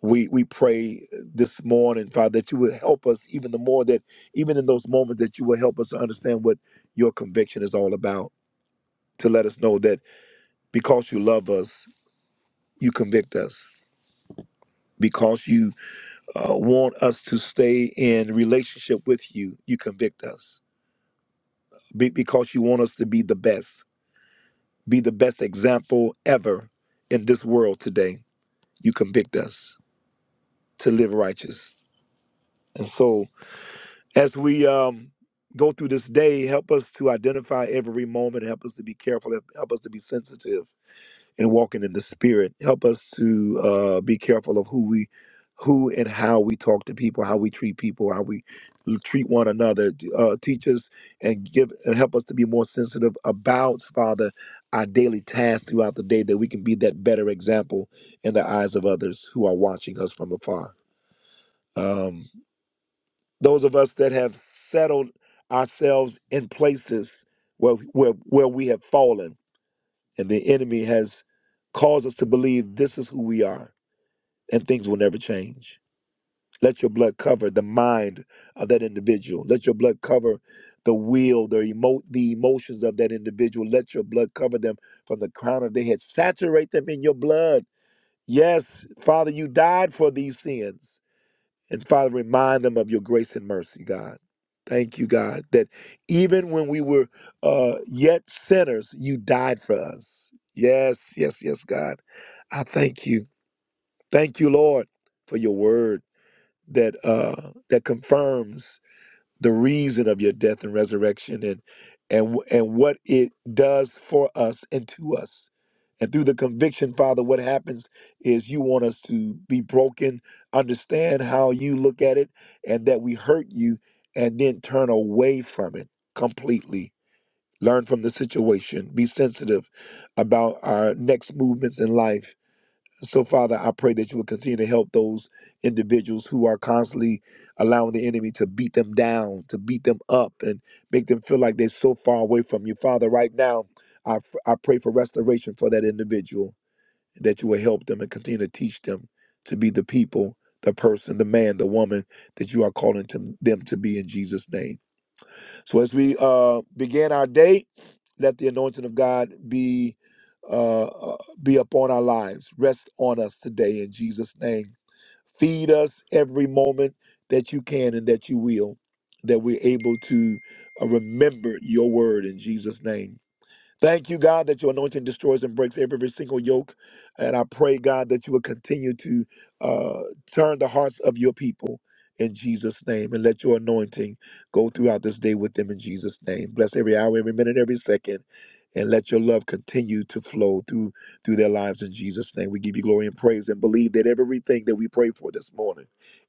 A: we we pray this morning, Father, that you would help us even the more that even in those moments that you will help us to understand what your conviction is all about. To let us know that because you love us, you convict us. Because you uh, want us to stay in relationship with you, you convict us. Be- because you want us to be the best, be the best example ever in this world today, you convict us to live righteous. And so As we um, go through this day, help us to identify every moment. Help us to be careful. Help help us to be sensitive and walking in the spirit. Help us to uh, be careful of who we, who and how we talk to people, how we treat people, how we treat one another. Uh, teach us and give and help us to be more sensitive about Father our daily tasks throughout the day, that we can be that better example in the eyes of others who are watching us from afar. Um, those of us that have settled ourselves in places where where where we have fallen and the enemy has caused us to believe this is who we are and things will never change let your blood cover the mind of that individual let your blood cover the will the emo- the emotions of that individual let your blood cover them from the crown of their head saturate them in your blood yes father you died for these sins and Father, remind them of your grace and mercy, God. Thank you, God, that even when we were uh, yet sinners, you died for us. Yes, yes, yes, God. I thank you. Thank you, Lord, for your word that uh, that confirms the reason of your death and resurrection and and wh- and what it does for us and to us and through the conviction father what happens is you want us to be broken understand how you look at it and that we hurt you and then turn away from it completely learn from the situation be sensitive about our next movements in life so, Father, I pray that you will continue to help those individuals who are constantly allowing the enemy to beat them down, to beat them up, and make them feel like they're so far away from you. Father, right now, I, f- I pray for restoration for that individual, that you will help them and continue to teach them to be the people, the person, the man, the woman that you are calling to them to be in Jesus' name. So as we uh, begin our day, let the anointing of God be uh, uh, be upon our lives. Rest on us today in Jesus' name. Feed us every moment that you can and that you will, that we're able to uh, remember your word in Jesus' name. Thank you, God, that your anointing destroys and breaks every single yoke. And I pray, God, that you will continue to uh, turn the hearts of your people in Jesus' name and let your anointing go throughout this day with them in Jesus' name. Bless every hour, every minute, every second, and let your love continue to flow through through their lives in Jesus' name. We give you glory and praise and believe that everything that we pray for this morning,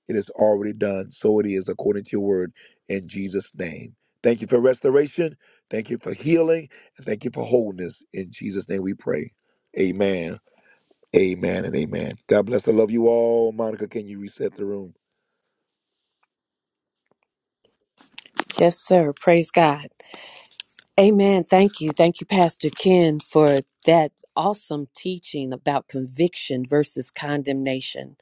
A: it is already done. So it is according to your word in Jesus' name. Thank you for restoration. Thank you for healing. And thank you for wholeness. In Jesus' name we pray. Amen. Amen and amen. God bless. I love you all. Monica, can you reset the room?
B: Yes, sir. Praise God. Amen. Thank you. Thank you, Pastor Ken, for that awesome teaching about conviction versus condemnation.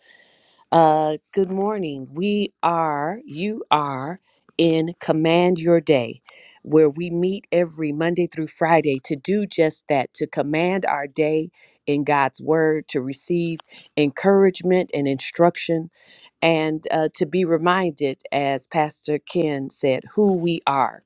B: Uh, good morning. We are, you are in Command Your Day, where we meet every Monday through Friday to do just that, to command our day in God's Word, to receive encouragement and instruction and uh, to be reminded, as Pastor Ken said, who we are.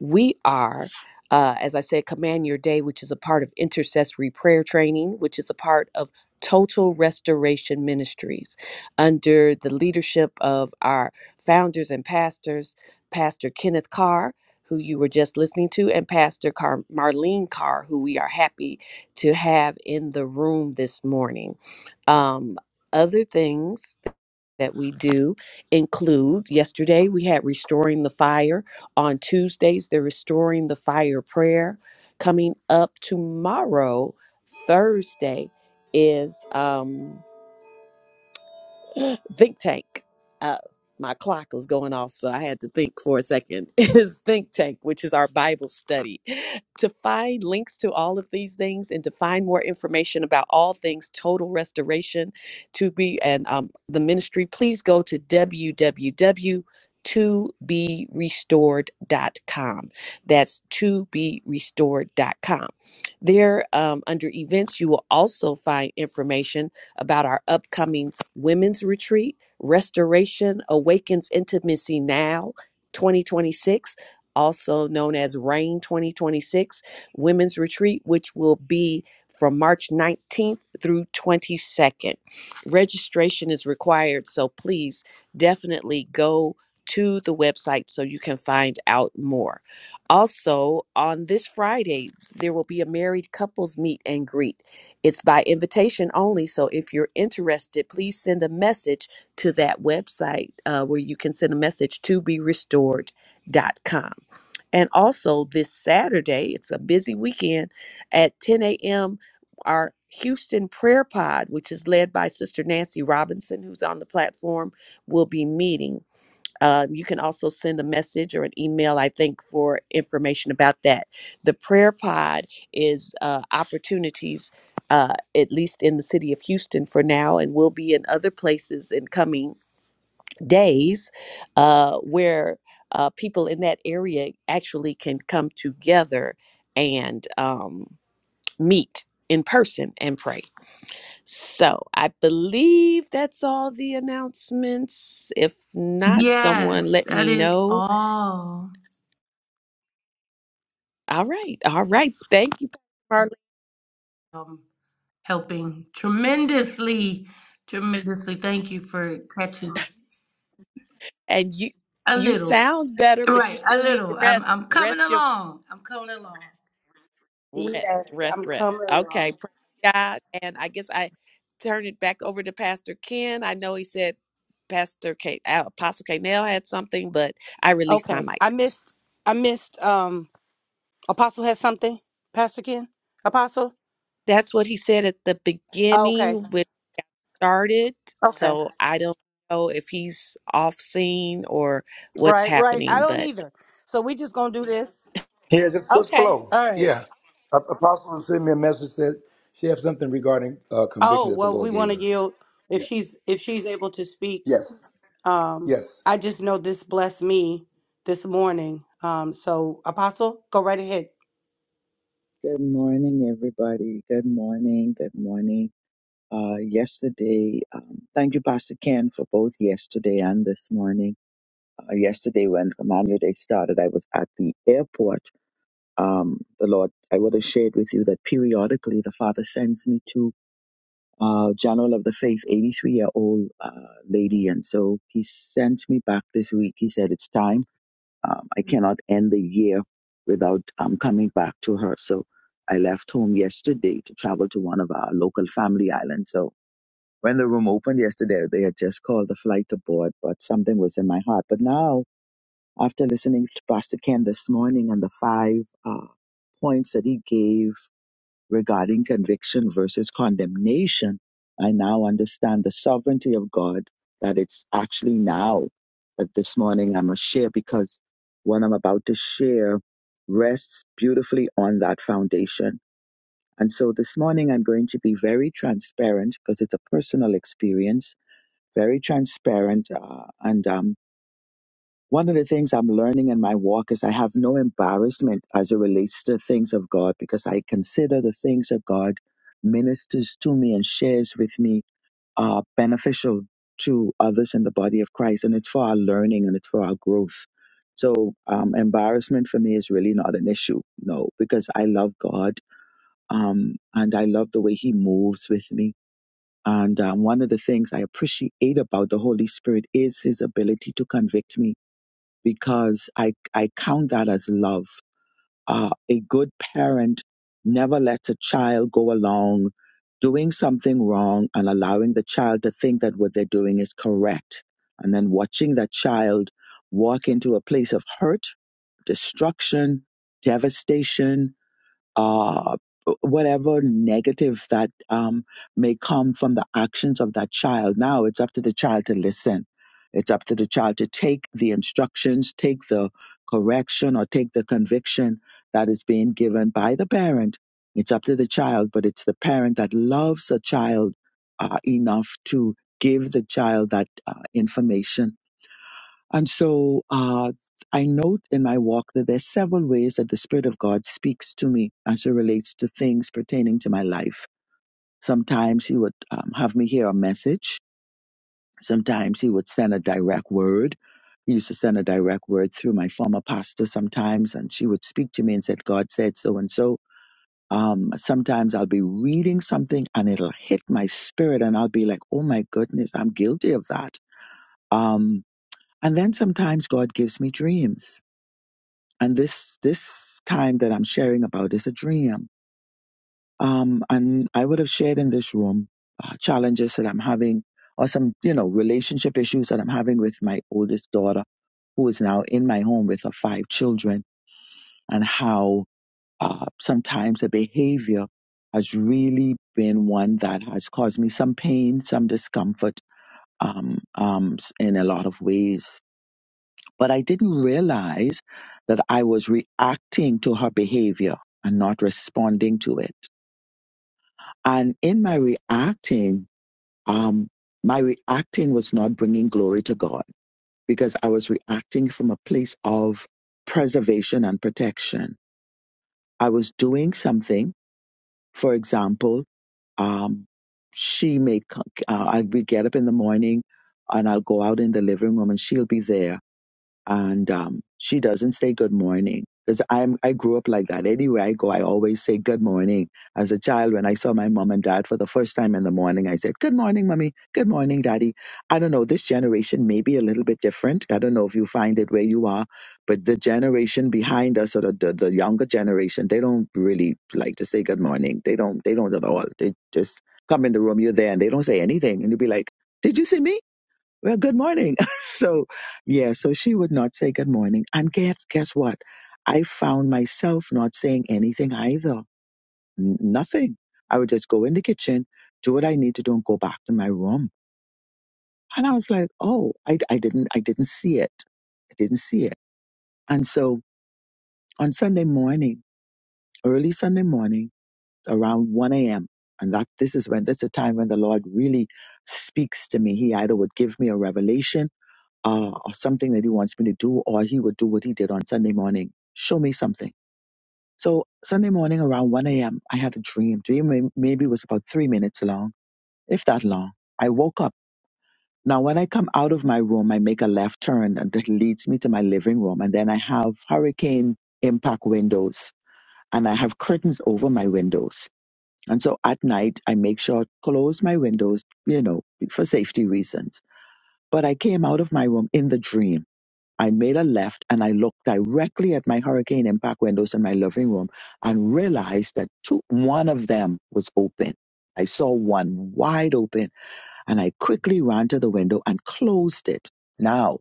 B: We are, uh, as I said, Command Your Day, which is a part of intercessory prayer training, which is a part of Total Restoration Ministries under the leadership of our founders and pastors, Pastor Kenneth Carr. Who you were just listening to, and Pastor Car- Marlene Carr, who we are happy to have in the room this morning. Um, other things that we do include yesterday we had restoring the fire on tuesdays the restoring the fire prayer coming up tomorrow thursday is um think tank. Uh, my clock was going off, so I had to think for a second. Is Think Tank, which is our Bible study. To find links to all of these things and to find more information about all things total restoration to be and um, the ministry, please go to www. To be restored.com. That's to be restored.com. There, um, under events, you will also find information about our upcoming Women's Retreat, Restoration Awakens Intimacy Now 2026, also known as RAIN 2026, Women's Retreat, which will be from March 19th through 22nd. Registration is required, so please definitely go to the website so you can find out more. Also, on this Friday, there will be a married couples meet and greet. It's by invitation only. So if you're interested, please send a message to that website uh, where you can send a message to be restored dot com. And also this Saturday, it's a busy weekend at 10 a.m. Our Houston Prayer Pod, which is led by Sister Nancy Robinson, who's on the platform, will be meeting. Um, you can also send a message or an email, I think, for information about that. The prayer pod is uh, opportunities, uh, at least in the city of Houston for now, and will be in other places in coming days uh, where uh, people in that area actually can come together and um, meet in person and pray. So I believe that's all the announcements. If not, someone
I: Yes,
B: let
I: that
B: me
I: is
B: know
I: all
B: All right. All right. Thank you, Carla.
I: um, helping tremendously, tremendously. Thank you for catching
B: And you
I: a
B: you
I: little,
B: sound better, but you
I: right? A
B: still need to
I: little. I'm
B: rest.
I: I'm coming
B: Rest your
I: along. I'm coming along.
B: rest.
I: Yes, I'm
B: Rest, rest.
I: coming
B: Okay.
I: along.
B: Praise God. And I guess I turn it back over to Pastor Ken. I know he said Pastor K uh, Apostle K Nell had something, but I released my
I: Okay.
B: mic.
I: I missed I missed um Apostle has something, Pastor Ken? Apostle?
B: That's what he said at the beginning
I: Okay.
B: when we got started.
I: Okay.
B: So I don't know if he's off scene or what's
I: Right, right. I
B: happening,
I: don't
B: but
I: either. So we just gonna do this. Okay. All right. Oh, well, we want to yield if she's if she's able to speak. Um, I just know this blessed me this morning. Um, so Apostle, go right ahead.
H: Good morning, everybody. Good morning. Good morning. uh, yesterday. Um, thank you, Pastor Ken, for both yesterday and this morning. Uh, yesterday, when Command Your Day started, I was at the airport. Um, the Lord, I would have shared with you that periodically the Father sends me to uh, General of the Faith, 83 year old uh, lady. And so He sent me back this week. He said, It's time. Um, I cannot end the year without um, coming back to her. So I left home yesterday to travel to one of our local family islands. So when the room opened yesterday, they had just called the flight aboard, but something was in my heart. But now, after listening to Pastor Ken this morning and the five uh, points that he gave regarding conviction versus condemnation, I now understand the sovereignty of God that it's actually now that this morning I'm going share because what I'm about to share rests beautifully on that foundation. And so this morning I'm going to be very transparent because it's a personal experience very transparent. Uh, and um, one of the things I'm learning in my walk is I have no embarrassment as it relates to things of God because I consider the things of God ministers to me and shares with me are beneficial to others in the body of Christ. And it's for our learning and it's for our growth. So um, embarrassment for me is really not an issue, no, because I love God um, and I love the way He moves with me and um, one of the things I appreciate about the Holy Spirit is his ability to convict me because I, I count that as love. Uh, a good parent never lets a child go along doing something wrong and allowing the child to think that what they're doing is correct. And then watching that child walk into a place of hurt, destruction, devastation, uh, whatever negative that um, may come from the actions of that child. Now it's up to the child to listen. It's up to the child to take the instructions, take the correction, or take the conviction that is being given by the parent. It's up to the child, but it's the parent that loves a child uh, enough to give the child that uh, information and so uh, I note in my walk that there's several ways that the Spirit of God speaks to me as it relates to things pertaining to my life. Sometimes He would um, have me hear a message. Sometimes He would send a direct word. He used to send a direct word through my former pastor sometimes, and she would speak to me and said, "God said so and so." Um, sometimes I'll be reading something and it'll hit my spirit, and I'll be like, "Oh my goodness, I'm guilty of that." Um, and then sometimes God gives me dreams and this this time that I'm sharing about is a dream. Um, and I would have shared in this room uh, challenges that I'm having, or some you know relationship issues that I'm having with my oldest daughter, who is now in my home with her five children, and how uh, sometimes the behavior has really been one that has caused me some pain, some discomfort, um, um, in a lot of ways but I didn't realize that I was reacting to her behavior and not responding to it. And in my reacting, um, my reacting was not bringing glory to God because I was reacting from a place of preservation and protection. I was doing something, for example, um, she may, co- uh, I, we get up in the morning and I'll go out in the living room and she'll be there and um, she doesn't say good morning because I'm I grew up like that. Anywhere I go, I always say good morning. As a child, when I saw my mom and dad for the first time in the morning, I said good morning, mommy. Good morning, daddy. I don't know. This generation may be a little bit different. I don't know if you find it where you are, but the generation behind us or the, the, the younger generation, they don't really like to say good morning. They don't. They don't at all. They just come in the room. You're there, and they don't say anything, and you'll be like, "Did you see me?" well, good morning. so, yeah, so she would not say good morning. And guess, guess what? I found myself not saying anything either. N- nothing. I would just go in the kitchen, do what I need to do and go back to my room. And I was like, oh, I, I didn't, I didn't see it. I didn't see it. And so on Sunday morning, early Sunday morning, around 1 a.m., and that this is when that's the time when the Lord really speaks to me. He either would give me a revelation uh, or something that he wants me to do, or he would do what he did on Sunday morning. Show me something. So Sunday morning around 1 a.m., I had a dream. Dream may- maybe was about three minutes long, if that long. I woke up. Now, when I come out of my room, I make a left turn and that leads me to my living room. And then I have hurricane impact windows and I have curtains over my windows. And so at night, I make sure to close my windows, you know, for safety reasons. But I came out of my room in the dream I made a left and I looked directly at my hurricane impact windows in my living room and realized that two, one of them was open. I saw one wide open and I quickly ran to the window and closed it. Now,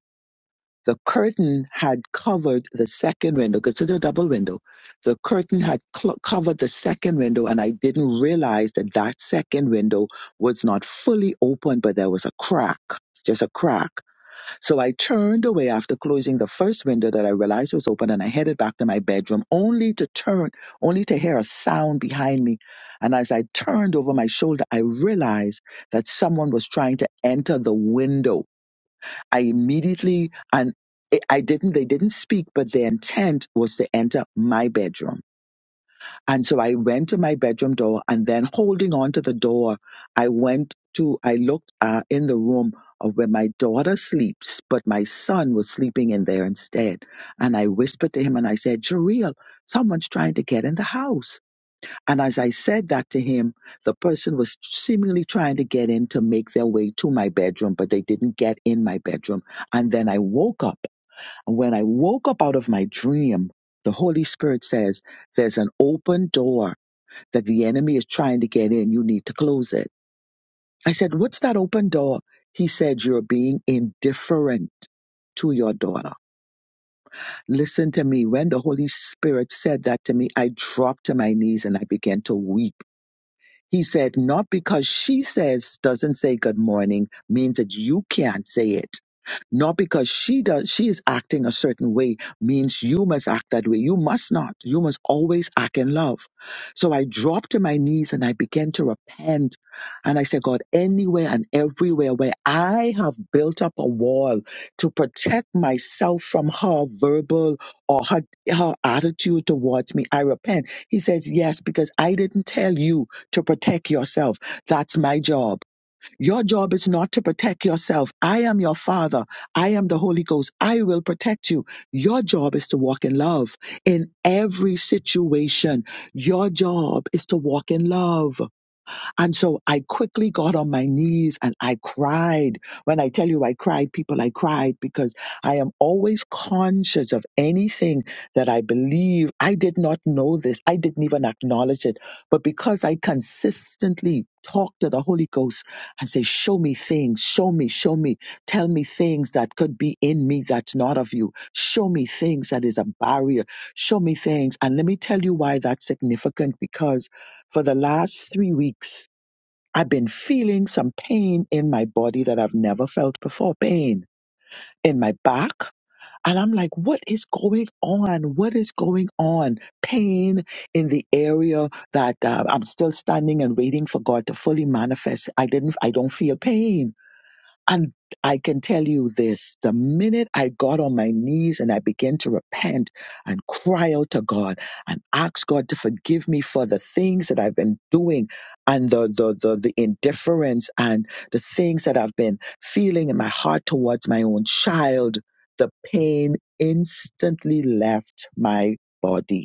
H: the curtain had covered the second window because it's a double window. The curtain had cl- covered the second window and I didn't realize that that second window was not fully open, but there was a crack, just a crack. So I turned away after closing the first window that I realized was open and I headed back to my bedroom only to turn, only to hear a sound behind me. And as I turned over my shoulder, I realized that someone was trying to enter the window. I immediately, and I I didn't, they didn't speak, but their intent was to enter my bedroom. And so I went to my bedroom door and then holding on to the door, I went to, I looked uh, in the room of where my daughter sleeps, but my son was sleeping in there instead. And I whispered to him and I said, Jareel, someone's trying to get in the house. And as I said that to him, the person was seemingly trying to get in to make their way to my bedroom, but they didn't get in my bedroom. And then I woke up. And when I woke up out of my dream, the Holy Spirit says, there's an open door that the enemy is trying to get in. You need to close it. I said, What's that open door? He said, You're being indifferent to your daughter. Listen to me. When the Holy Spirit said that to me, I dropped to my knees and I began to weep. He said, Not because she says, doesn't say good morning, means that you can't say it not because she does she is acting a certain way means you must act that way. You must not. You must always act in love. So I dropped to my knees and I began to repent. And I said, God, anywhere and everywhere where I have built up a wall to protect myself from her verbal or her, her attitude towards me, I repent. He says, Yes, because I didn't tell you to protect yourself. That's my job. Your job is not to protect yourself. I am your father. I am the Holy Ghost. I will protect you. Your job is to walk in love in every situation. Your job is to walk in love. And so I quickly got on my knees and I cried. When I tell you I cried, people, I cried because I am always conscious of anything that I believe. I did not know this, I didn't even acknowledge it. But because I consistently talk to the Holy Ghost and say, Show me things, show me, show me, tell me things that could be in me that's not of you, show me things that is a barrier, show me things. And let me tell you why that's significant because for the last three weeks, I've been feeling some pain in my body that I've never felt before, pain in my back. And I'm like, what is going on? What is going on? Pain in the area that uh, I'm still standing and waiting for God to fully manifest. I didn't, I don't feel pain and I can tell you this the minute I got on my knees and I began to repent and cry out to God and ask God to forgive me for the things that I've been doing and the, the, the, the indifference and the things that I've been feeling in my heart towards my own child, the pain instantly left my body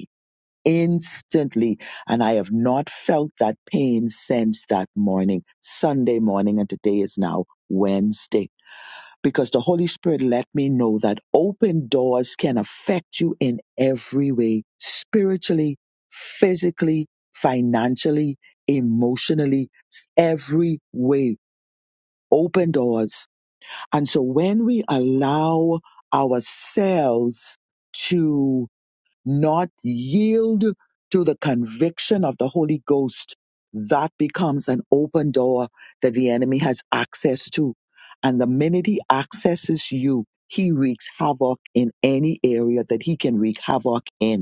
H: instantly. And I have not felt that pain since that morning, Sunday morning, and today is now Wednesday. Because the Holy Spirit let me know that open doors can affect you in every way spiritually, physically, financially, emotionally, every way. Open doors. And so when we allow ourselves to not yield to the conviction of the Holy Ghost, that becomes an open door that the enemy has access to. And the minute he accesses you, he wreaks havoc in any area that he can wreak havoc in.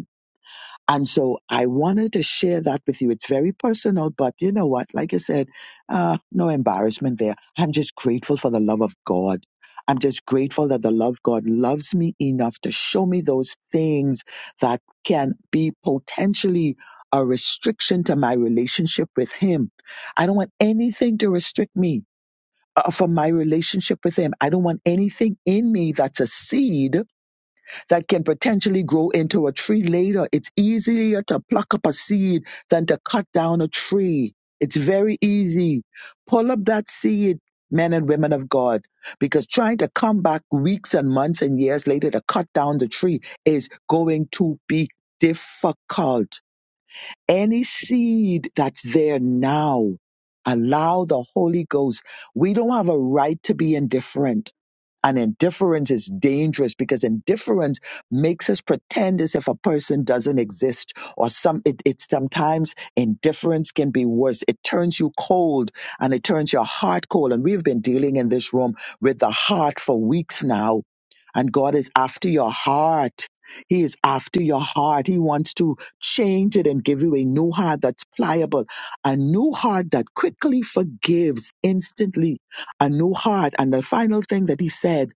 H: And so I wanted to share that with you. It's very personal, but you know what? Like I said, uh, no embarrassment there. I'm just grateful for the love of God. I'm just grateful that the love God loves me enough to show me those things that can be potentially a restriction to my relationship with Him. I don't want anything to restrict me uh, from my relationship with Him. I don't want anything in me that's a seed that can potentially grow into a tree later. It's easier to pluck up a seed than to cut down a tree. It's very easy. Pull up that seed, men and women of God, because trying to come back weeks and months and years later to cut down the tree is going to be difficult. Any seed that's there now, allow the Holy Ghost. We don't have a right to be indifferent. And indifference is dangerous because indifference makes us pretend as if a person doesn't exist or some it, it sometimes indifference can be worse. It turns you cold and it turns your heart cold. And we've been dealing in this room with the heart for weeks now. And God is after your heart. He is after your heart. He wants to change it and give you a new heart that's pliable, a new heart that quickly forgives instantly a new heart. And the final thing that he said,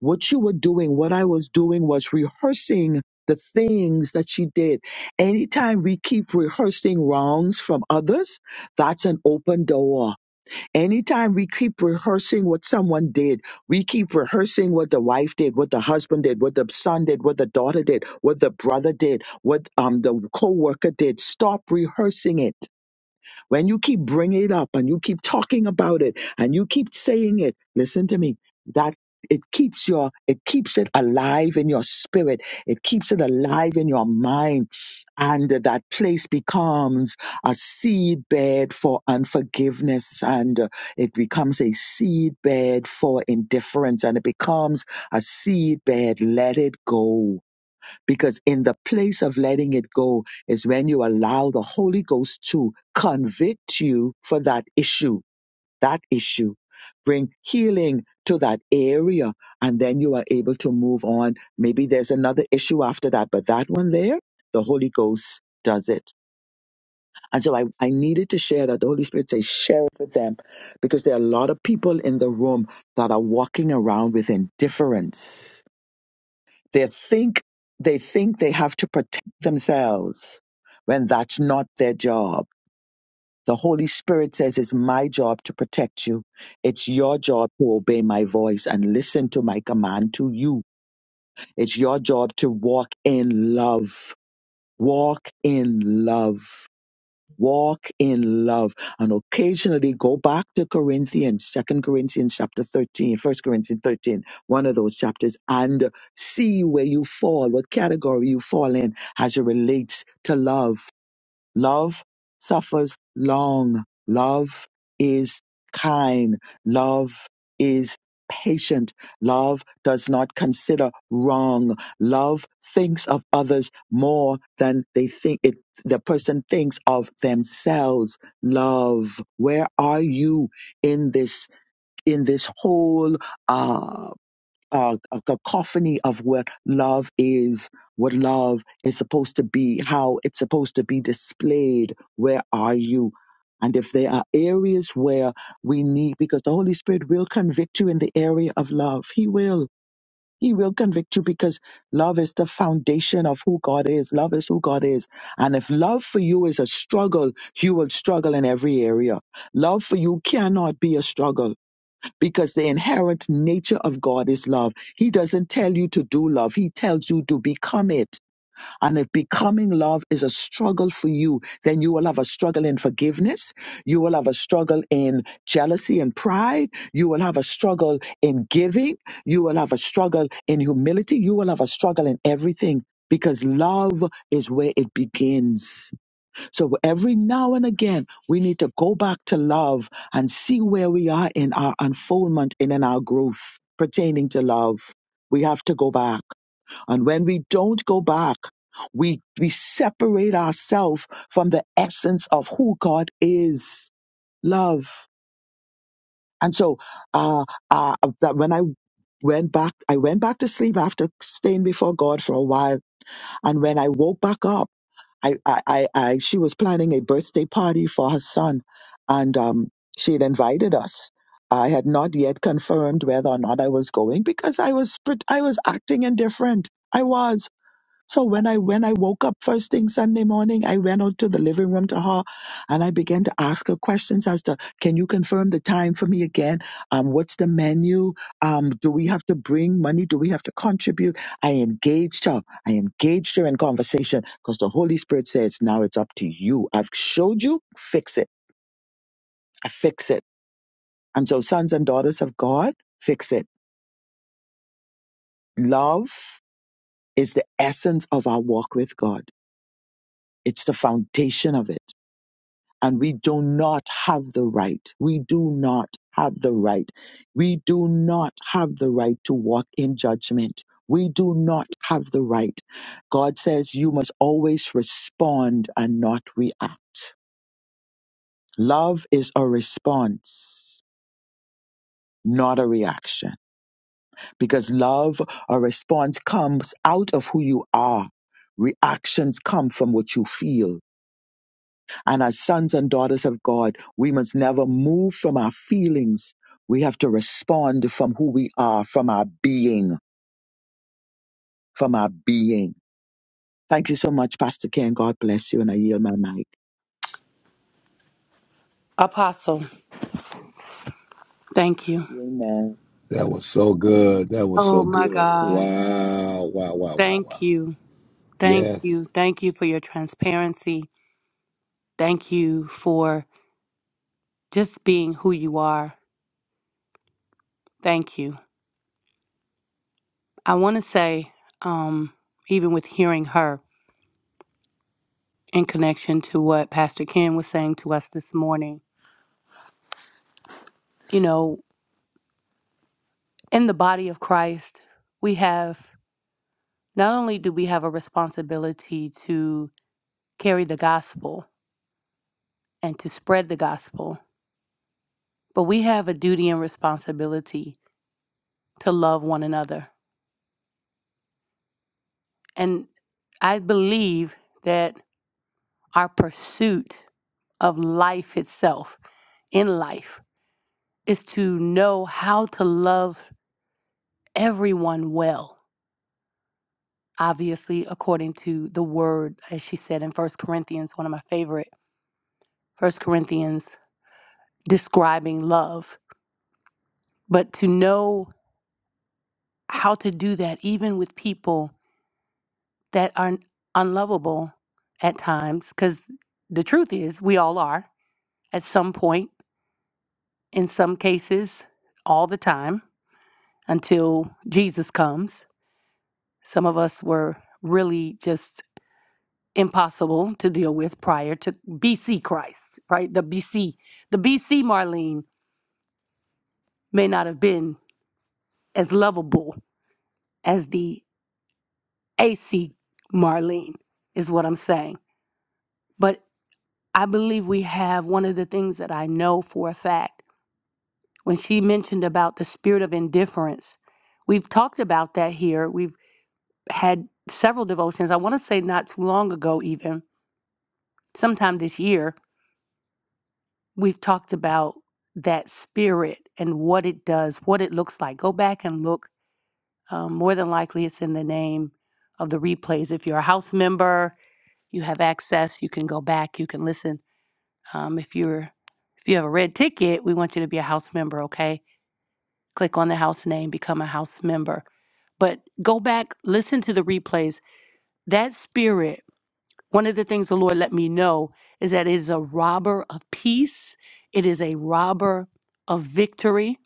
H: what you were doing, what I was doing was rehearsing the things that she did. Anytime we keep rehearsing wrongs from others, that's an open door. Anytime we keep rehearsing what someone did, we keep rehearsing what the wife did, what the husband did, what the son did, what the daughter did, what the brother did, what um, the co worker did. Stop rehearsing it when you keep bringing it up and you keep talking about it and you keep saying it, listen to me, that it keeps your it keeps it alive in your spirit it keeps it alive in your mind and that place becomes a seedbed for unforgiveness and uh, it becomes a seedbed for indifference and it becomes a seedbed let it go because in the place of letting it go is when you allow the Holy Ghost to convict you for that issue, that issue, bring healing to that area, and then you are able to move on. Maybe there's another issue after that, but that one there, the Holy Ghost does it. And so I, I needed to share that. The Holy Spirit says, share it with them because there are a lot of people in the room that are walking around with indifference they think they think they have to protect themselves when that's not their job. The Holy Spirit says it's my job to protect you. It's your job to obey my voice and listen to my command to you. It's your job to walk in love. Walk in love walk in love and occasionally go back to corinthians Second corinthians chapter 13, First corinthians thirteen, one of those chapters and see where you fall what category you fall in as it relates to love Love suffers long. Love is kind. Love is patient. Love does not consider wrong. Love thinks of others more than they think it the person thinks of themselves. Love, where are you in this in this whole uh uh, a cacophony of what love is, what love is supposed to be, how it's supposed to be displayed. Where are you? And if there are areas where we need, because the Holy Spirit will convict you in the area of love, He will. He will convict you because love is the foundation of who God is. Love is who God is. And if love for you is a struggle, you will struggle in every area. Love for you cannot be a struggle because the inherent nature of God is love. He doesn't tell you to do love, He tells you to become it. And if becoming love is a struggle for you, then you will have a struggle in forgiveness. You will have a struggle in jealousy and pride. You will have a struggle in giving. You will have a struggle in humility. You will have a struggle in everything because love is where it begins. So every now and again, we need to go back to love and see where we are in our unfoldment and in our growth pertaining to love. We have to go back. And when we don't go back, we, we separate ourselves from the essence of who God is love. And so, uh, uh, that when I went back, I went back to sleep after staying before God for a while. And when I woke back up, I, I, I, I she was planning a birthday party for her son, and um, she had invited us. I had not yet confirmed whether or not I was going because I was pret- I was acting indifferent. I was. So when I when I woke up first thing Sunday morning, I went out to the living room to her, and I began to ask her questions as to Can you confirm the time for me again? Um, what's the menu? Um, do we have to bring money? Do we have to contribute? I engaged her. I engaged her in conversation because the Holy Spirit says now it's up to you. I've showed you. Fix it. I fix it. And so sons and daughters of God, fix it. Love is the essence of our walk with God. It's the foundation of it and we do not have the right. We do not have the right. We do not have the right to walk in judgment. We do not have the right. God says you must always respond and not react. Love is a response, not a reaction, because love, a response comes out of who you are. Reactions come from what you feel and as sons and daughters of God, we must never move from our feelings. We have to respond from who we are, from our being, from our being. Thank you so much, Pastor Ken. God bless you, and I yield my mic.
I: Apostle, thank you.
H: Amen.
A: That was so good. That was
I: Oh
A: so
I: my
A: good.
I: God.
A: Wow, wow, wow, wow,
I: Thank
A: wow.
I: you. Thank you.
A: Yes.
I: Thank you for your transparency. Thank you for just being who you are. Thank you. I want to say, um, even with hearing her in connection to what Pastor Ken was saying to us this morning, you know. in the body of Christ, we have not only do we have a responsibility to carry the gospel and to spread the gospel, but we have a duty and responsibility to love one another. And I believe that our pursuit of life itself in life is to know how to love everyone well obviously according to the word as she said in First corinthians one of my favorite First corinthians describing love, but to know how to do that even with people that are unlovable at times, because the truth is we all are at some point, in some cases, all the time until Jesus comes. Some of us were really just impossible to deal with prior to BC Christ, right? The BC, the BC Marlene may not have been as lovable as the AC Marlene is what I'm saying. But I believe we have one of the things that I know for a fact. When she mentioned about the spirit of indifference, we've talked about that here. We've had several devotions. I want to say not too long ago, even sometime this year, we've talked about that spirit and what it does, what it looks like. Go back and look. Um, more than likely, it's in the name of the replays. If you're a house member, you have access, you can go back, you can listen Um, if you're if you have a red ticket, we want you to be a house member. Okay, click on the house name, become a house member. But go back, listen to the replays. That spirit. One of the things the Lord let me know is that it is a robber of peace. It is a robber of victory,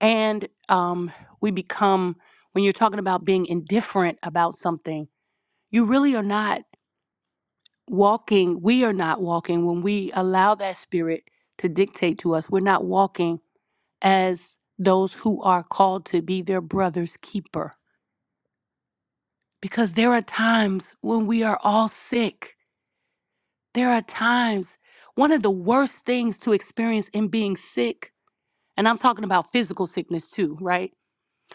I: and um, we become when you're talking about being indifferent about something. You really are not walking. We are not walking when we allow that spirit to dictate to us. We're not walking as those who are called to be their brother's keeper. Because there are times when we are all sick. There are times, one of the worst things to experience in being sick, and I'm talking about physical sickness too, right?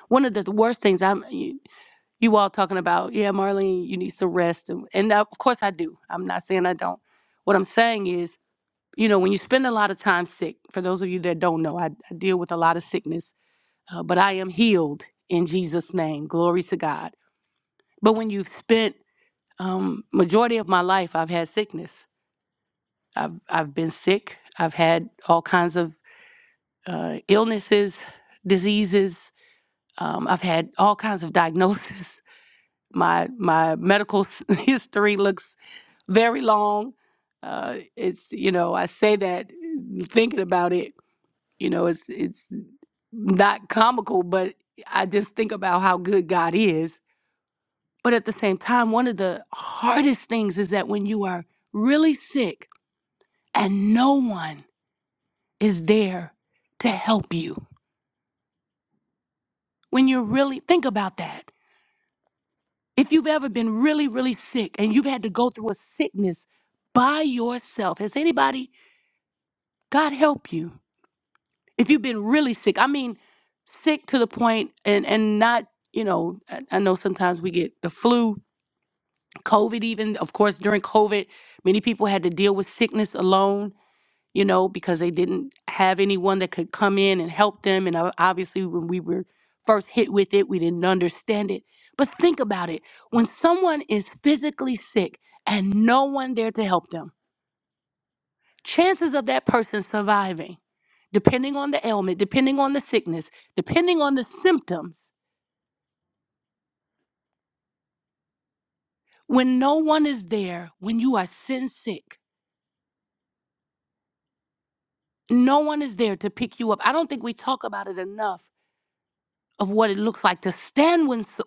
I: One of the th- worst things I'm, you, you all talking about, yeah, Marlene, you need some rest. And, and of course I do. I'm not saying I don't. What I'm saying is, you know, when you spend a lot of time sick, for those of you that don't know, I, I deal with a lot of sickness uh, but I am healed in Jesus' name. Glory to God. But when you've spent um, majority of my life, I've had sickness. I've I've been sick. I've had all kinds of uh, illnesses, diseases. Um, I've had all kinds of diagnoses. My my medical s- history looks very long. Uh, it's you know I say that uh, thinking about it. You know it's it's not comical, but I just think about how good God is But at the same time, one of the hardest things is that when you are really sick and no one is there to help you, when you're really, think about that. If you've ever been really, really sick and you've had to go through a sickness by yourself, has anybody, God help you? If you've been really sick, I mean, sick to the point and, and not, you know, I, I know sometimes we get the flu, COVID, even, of course, during COVID, many people had to deal with sickness alone you know, because they didn't have anyone that could come in and help them. And o- obviously, when we were first hit with it, we didn't understand it. But think about it when someone is physically sick and no one there to help them, chances of that person surviving, depending on the ailment, depending on the sickness, depending on the symptoms, when no one is there, when you are sin sick, no one is there to pick you up. I don't think we talk about it enough of what it looks like to stand with s-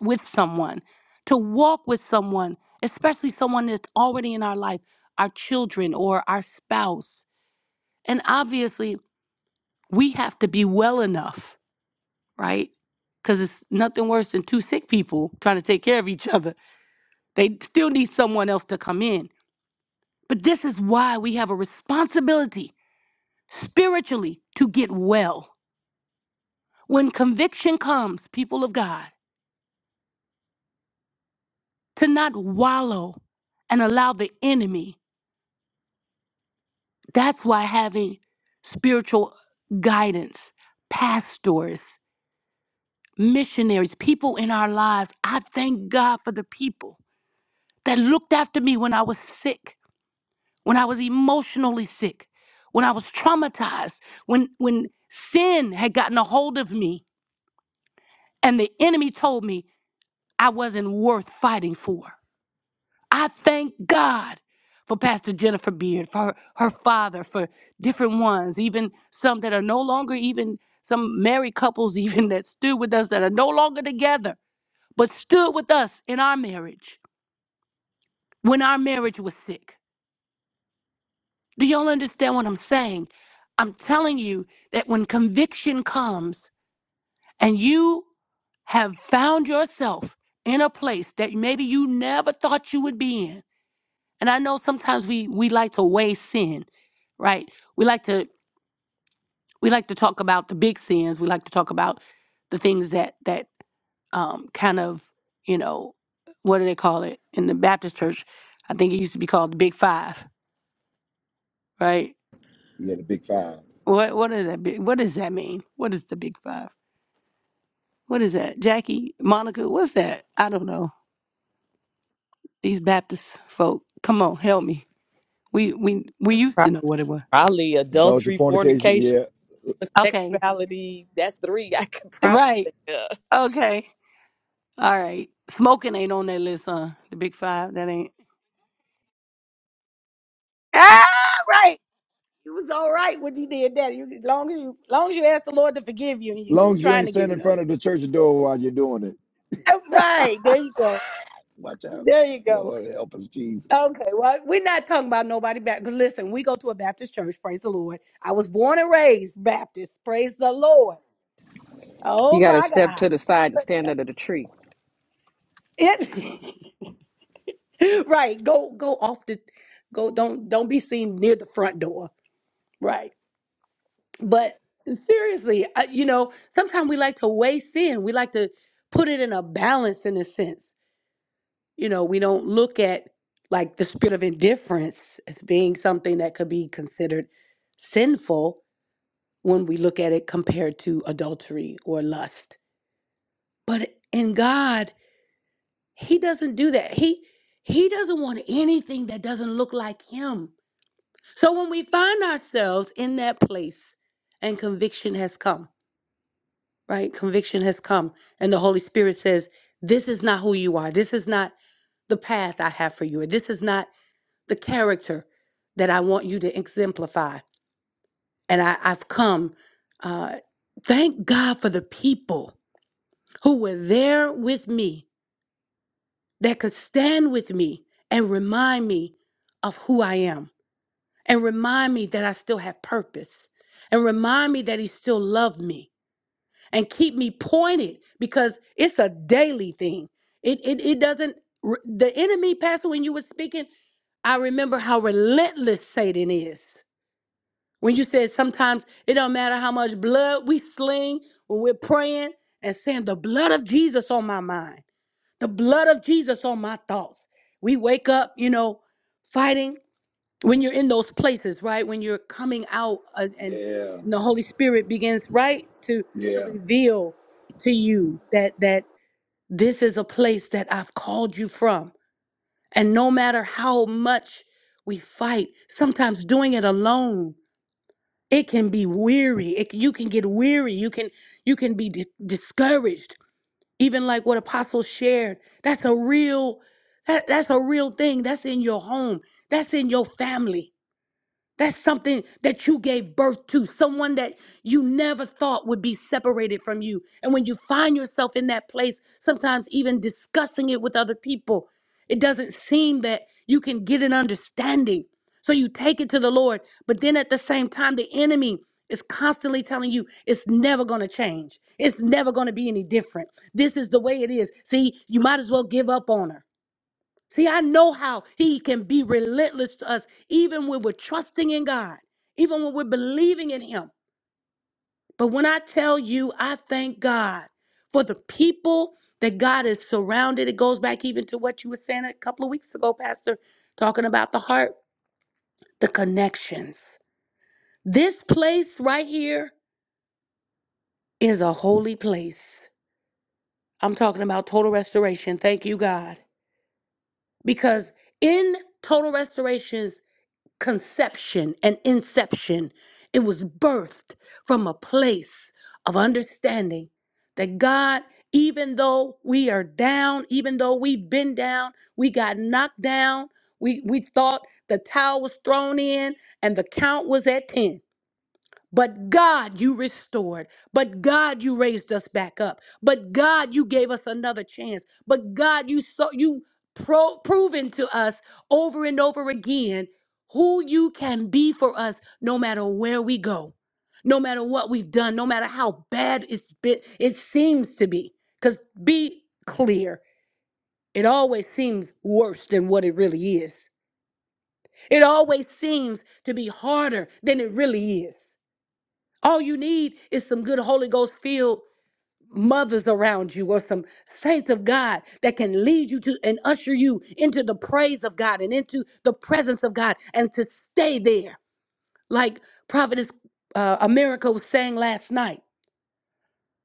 I: with someone, to walk with someone, especially someone that's already in our life, our children or our spouse. And obviously, we have to be well enough, right? Because it's nothing worse than two sick people trying to take care of each other. They still need someone else to come in. But this is why we have a responsibility spiritually to get well. When conviction comes, people of God, to not wallow and allow the enemy. That's why having spiritual guidance, pastors, missionaries, people in our lives, I thank God for the people that looked after me when I was sick, when I was emotionally sick, when I was traumatized, when when sin had gotten a hold of me and the enemy told me I wasn't worth fighting for. I thank God for Pastor Jennifer Beard, for her, her father, for different ones, even some that are no longer even some married couples, even that stood with us that are no longer together, but stood with us in our marriage when our marriage was sick. Do y'all understand what I'm saying? I'm telling you that when conviction comes and you have found yourself in a place that maybe you never thought you would be in, And I know sometimes we we like to weigh sin, right? We like to we like to talk about the big sins. We like to talk about the things that that um, kind of you know what do they call it in the Baptist church? I think it used to be called the Big Five, right?
A: Yeah, the big five.
I: What what is that? big- What does that mean? What is the Big Five? What is that? Jackie, Monica, what's that? I don't know. These Baptist folk, come on, help me. We we we used
B: Pro-
I: to know what it was.
B: Probably
A: Indulge in
B: adultery,
A: fornication.
B: fornication.
A: Yeah.
B: With
I: Okay,
B: sexuality, that's three I could probably
I: right.
B: think of.
I: Okay. All right. Smoking ain't on that list, huh? The big five, that ain't. Ah, right. You was all right when you did that. You, long as you, long as you asked the Lord to forgive you, and you was
A: Long as you
I: trying
A: ain't
I: to give
A: standing
I: it
A: in
I: up.
A: front of the church door while you're doing it.
I: Ah, Right. There you go.
A: Watch out.
I: There you go.
A: Lord help us, Jesus.
I: Okay. Well, we're not talking about nobody back. 'cause Listen, we go to a Baptist church. Praise the Lord. I was born and raised Baptist. Praise the Lord.
J: You
I: Oh
J: got to
I: my
J: step
I: God.
J: to the side and
I: But
J: stand under the tree.
I: it. right. Go. Go off the. Go. Don't. Don't be seen near the front door. Right. But seriously, I, you know, sometimes we like to weigh sin. We like to put it in a balance in a sense. You know, we don't look at like the spirit of indifference as being something that could be considered sinful when we look at it compared to adultery or lust. But in God, he doesn't do that. He he doesn't want anything that doesn't look like him. So when we find ourselves in that place and conviction has come, right? Conviction has come, and the Holy Spirit says, This is not who you are. This is not the path I have for you, or this is not the character that I want you to exemplify. And I, I've come. Uh, thank God for the people who were there with me that could stand with me and remind me of who I am, and remind me that I still have purpose, and remind me that He still loved me and keep me pointed because it's a daily thing. It it, it doesn't r- the enemy pastor when you were speaking, I remember how relentless Satan is. When you said sometimes it don't matter how much blood we sling when we're praying and saying the blood of Jesus on my mind, the blood of Jesus on my thoughts. We wake up, you know, fighting when you're in those places right when you're coming out uh, and
A: Yeah.
I: and the holy spirit begins right to to
A: Yeah.
I: reveal to you that that this is a place that i've called you from and no matter how much we fight sometimes doing it alone it can be weary it, you can get weary you can you can be di- discouraged even like what apostles shared that's a real that, that's a real thing that's in your home that's in your family that's something that you gave birth to, someone that you never thought would be separated from you. And when you find yourself in that place, sometimes even discussing it with other people, it doesn't seem that you can get an understanding. So you take it to the Lord. But then at the same time, the enemy is constantly telling you it's never going to change, it's never going to be any different. This is the way it is. See, you might as well give up on her. See, I know how he can be relentless to us, even when we're trusting in God, even when we're believing in him. But when I tell you, I thank God for the people that God is surrounded. It goes back even to what you were saying a couple of weeks ago, Pastor, talking about the heart, the connections. This place right here is a holy place. I'm talking about total restoration. Thank you, God. Because in total restoration conception and inception. It was birthed from a place of understanding that God, even though we are down, even though we've been down, we got knocked down, we, we thought the towel was thrown in and the count was at 10. But God, you restored. But God, you raised us back up. But God, you gave us another chance. But God, you so you pro- proven to us over and over again who you can be for us no matter where we go. No matter what we've done, no matter how bad it's been, it seems to be. Cuz be clear, it always seems worse than what it really is. It always seems to be harder than it really is. All you need is some good Holy Ghost filled mothers around you or some saints of God that can lead you to and usher you into the praise of God and into the presence of God and to stay there. Like Prophetess uh, America was saying last night,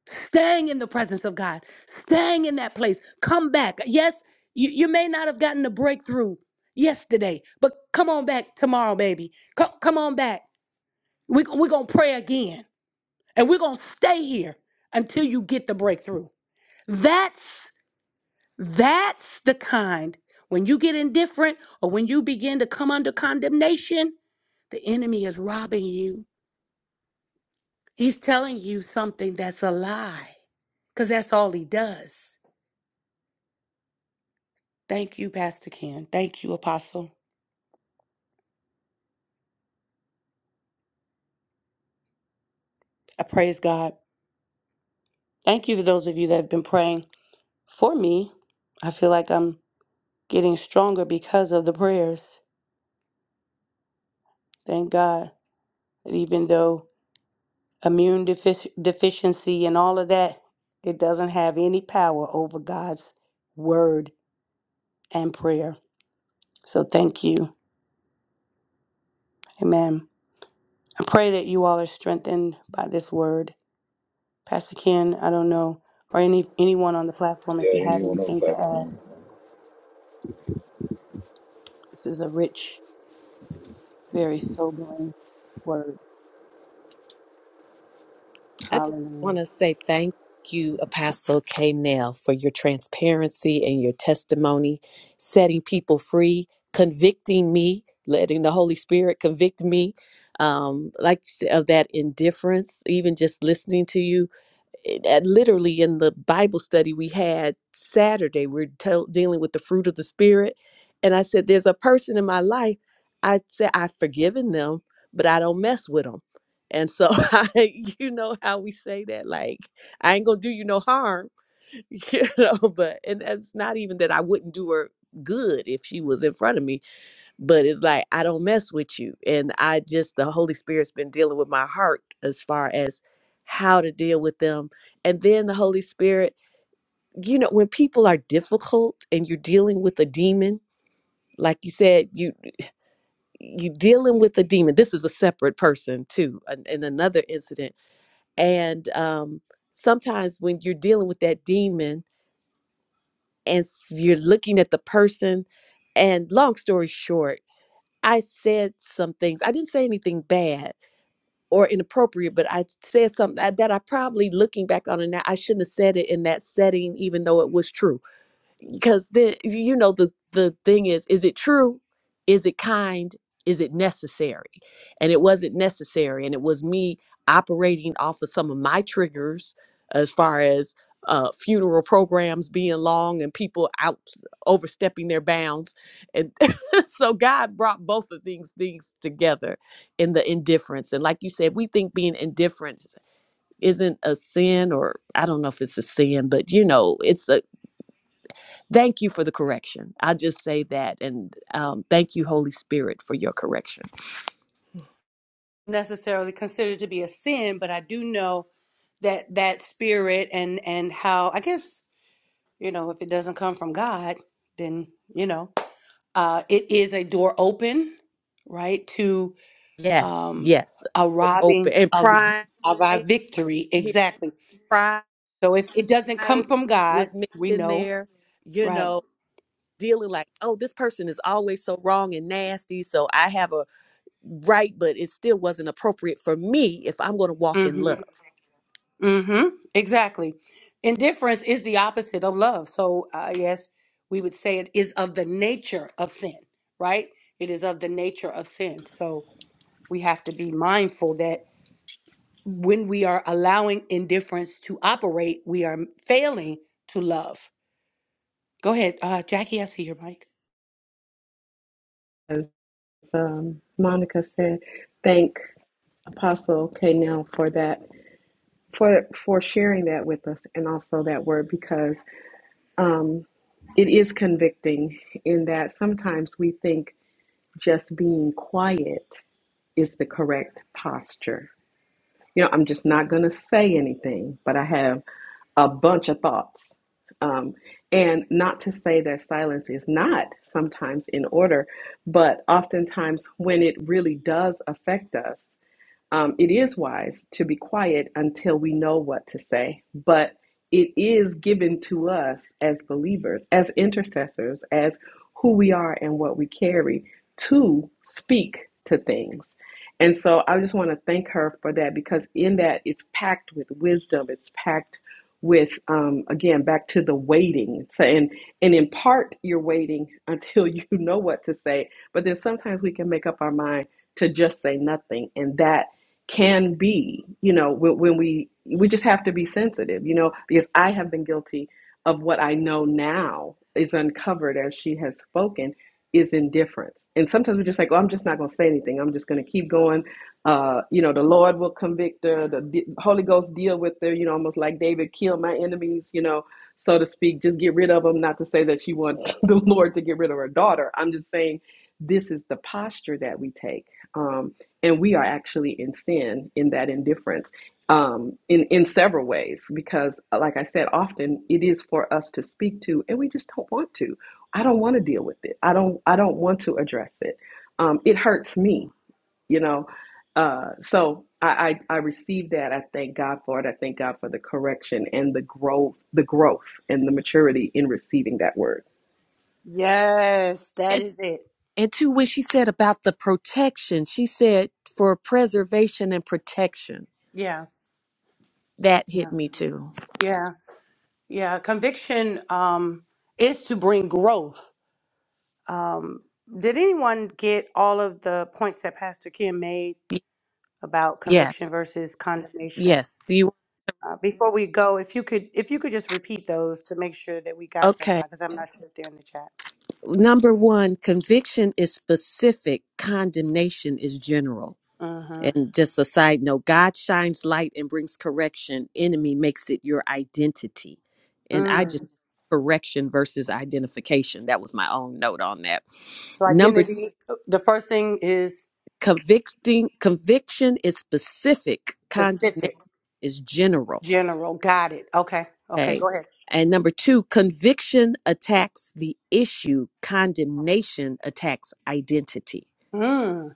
I: staying in the presence of God, staying in that place. Come back. Yes, you, you may not have gotten the breakthrough yesterday, but come on back tomorrow, baby. Come, come on back. We're we we're going to pray again and we're going to stay here until you get the breakthrough that's that's the kind when you get indifferent or when you begin to come under condemnation the enemy is robbing you he's telling you something that's a lie because that's all he does thank you pastor ken thank you apostle i praise god thank you for those of you that have been praying for me i feel like i'm getting stronger because of the prayers thank god that even though immune defici- deficiency and all of that, it doesn't have any power over God's word and prayer. So thank you. Amen. I pray that you all are strengthened by this word. Pastor Ken, I don't know, or any anyone on the platform, if you
A: Yeah.
I: have
A: Anyone on the
I: anything to add.
A: platform.
I: This is a rich, very sobering word.
B: I just
I: Hallelujah.
B: want to say thank you, Apostle K. Nell, for your transparency and your testimony, setting people free, convicting me, letting the Holy Spirit convict me. Um, like you said, of that indifference, even just listening to you it- at literally in the Bible study we had Saturday, we're tel- dealing with the fruit of the Spirit. And I said, There's a person in my life. I said, I've forgiven them, but I don't mess with them. And so, I, you know how we say that, like, I ain't gonna do you no harm, you know, but, and it's not even that I wouldn't do her good if she was in front of me, but it's like I don't mess with you. And I just the Holy Spirit's been dealing with my heart as far as how to deal with them. And then the Holy Spirit, you know, when people are difficult and you're dealing with a demon, like you said, you you dealing with a demon. This is a separate person too, an- in another incident. And um, sometimes when you're dealing with that demon and s- you're looking at the person, and long story short, I said some things. I didn't say anything bad, or inappropriate, but I said something I- that I probably looking back on it now, I shouldn't have said it in that setting, even though it was true because then you know the the thing is is it true is it kind is it necessary and it wasn't necessary and it was me operating off of some of my triggers as far as uh, funeral programs being long and people out overstepping their bounds and so god brought both of these things together in the indifference and like you said we think being indifferent isn't a sin or i don't know if it's a sin but you know it's a Thank you for the correction. I just say that, and um, thank you, Holy Spirit, for your correction.
I: Necessarily considered to be a sin, but I do know that that spirit and and how I guess You know, if it doesn't come from God, then, you know, uh, it is a door open, right, to
B: Yes,
I: um,
B: yes,
I: a
B: we're open
I: robbing
B: and
I: of,
B: pride.
I: of our victory.
B: Here,
I: Exactly.
B: pride
I: So if it doesn't come from God,
B: was mixed
I: we
B: in
I: know,
B: there. You
I: right?
B: know, dealing like, oh, this person is always so wrong and nasty. So I have a right, but it still wasn't appropriate for me if I'm going to walk in
I: Mm-hmm.
B: love.
I: Mm-hmm. Exactly. Indifference is the opposite of love. So, uh, yes, we would say it is of the nature of sin, right? It is of the nature of sin. So we have to be mindful that when we are allowing indifference to operate, we are failing to love. Go ahead, uh, Jackie. I see your mic.
J: As um, Monica said, thank Apostle K. Nell for that, for sharing us it in, in that sometimes we think being quiet is the correct posture. You know, thing uh, of, um, and not silent, not but oftentimes when it really does affect us, Um, it is wise to be quiet until we know what to say, but it is given to us as believers, as intercessors, as who we are and what we carry to speak to things. And so I just want to thank her for that because in that it's packed with wisdom, it's packed with um, again back to the waiting so, and and in part you're waiting until you know what to say but then sometimes we can make up our mind to just say nothing and that can be, you know, when, when we we just have to be sensitive, you know, because I have been guilty of what I know now is uncovered as she has spoken is indifference. And sometimes we're just like, oh, I'm just not going to say anything. I'm just going to keep going. Uh, you know, the Lord will convict her. The D- Holy Ghost deal with her. You know, almost like David, kill my enemies. You know, so to speak, just get rid of them. Not to say that she wants the Lord to get rid of her daughter. I'm just saying this is the posture that we take. Um, and we are actually in sin in that indifference um, in in several ways because uh, like i said often it is for us to speak to and we just don't want to i don't want to deal with it i don't i don't want to address it um, it hurts me you know uh, so I, I i received that i thank god for it i thank god for the correction and the growth the growth and the maturity in receiving that word
I: Yes, that
B: And,
I: is it.
B: and too, when she said about the protection, she said for preservation and protection.
I: Yeah,
B: That
I: yeah,
B: hit me too.
I: yeah. yeah. Conviction um, is to bring growth. Um, did anyone get all of the points that Pastor Kim made
B: Y-
I: about
B: Yeah.
I: conviction versus condemnation?
B: Yes. Do you?
I: Uh, before we go, if you could, if you could just repeat those to make sure that we got them,
B: okay.
I: because I'm not sure if they're in the chat.
B: number one, conviction is specific, condemnation is general.
I: Uh
B: And just a side note, God shines light and brings correction. Enemy makes it your identity. And I
I: huh.
B: just correction versus identification. That was my own note on that.
I: So
B: Number two,
I: identity, the first thing is
B: convicting conviction is specific, condemnation
I: specific,
B: is general.
I: general. Got it. Okay. Okay.
B: Okay.
I: Go ahead.
B: And number two, conviction attacks the issue, condemnation attacks identity.
I: Mm.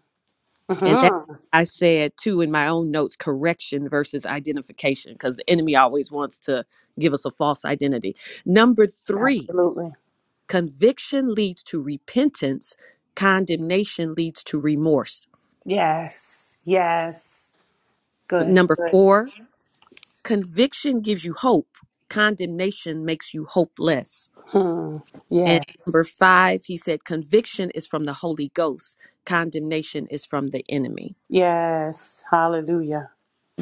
B: And that
I: hmm
B: I said too in my own notes correction versus identification, because the enemy always wants to give us a false identity. Number three,
I: Absolutely.
B: conviction leads to repentance, condemnation leads to remorse.
I: Yes. Yes. Good.
B: Number
I: Good.
B: four, conviction gives you hope, condemnation makes you hopeless.
I: Hmm. Yes.
B: And number five, he said, conviction is from the Holy Ghost, condemnation is from the enemy.
I: Yes. Hallelujah.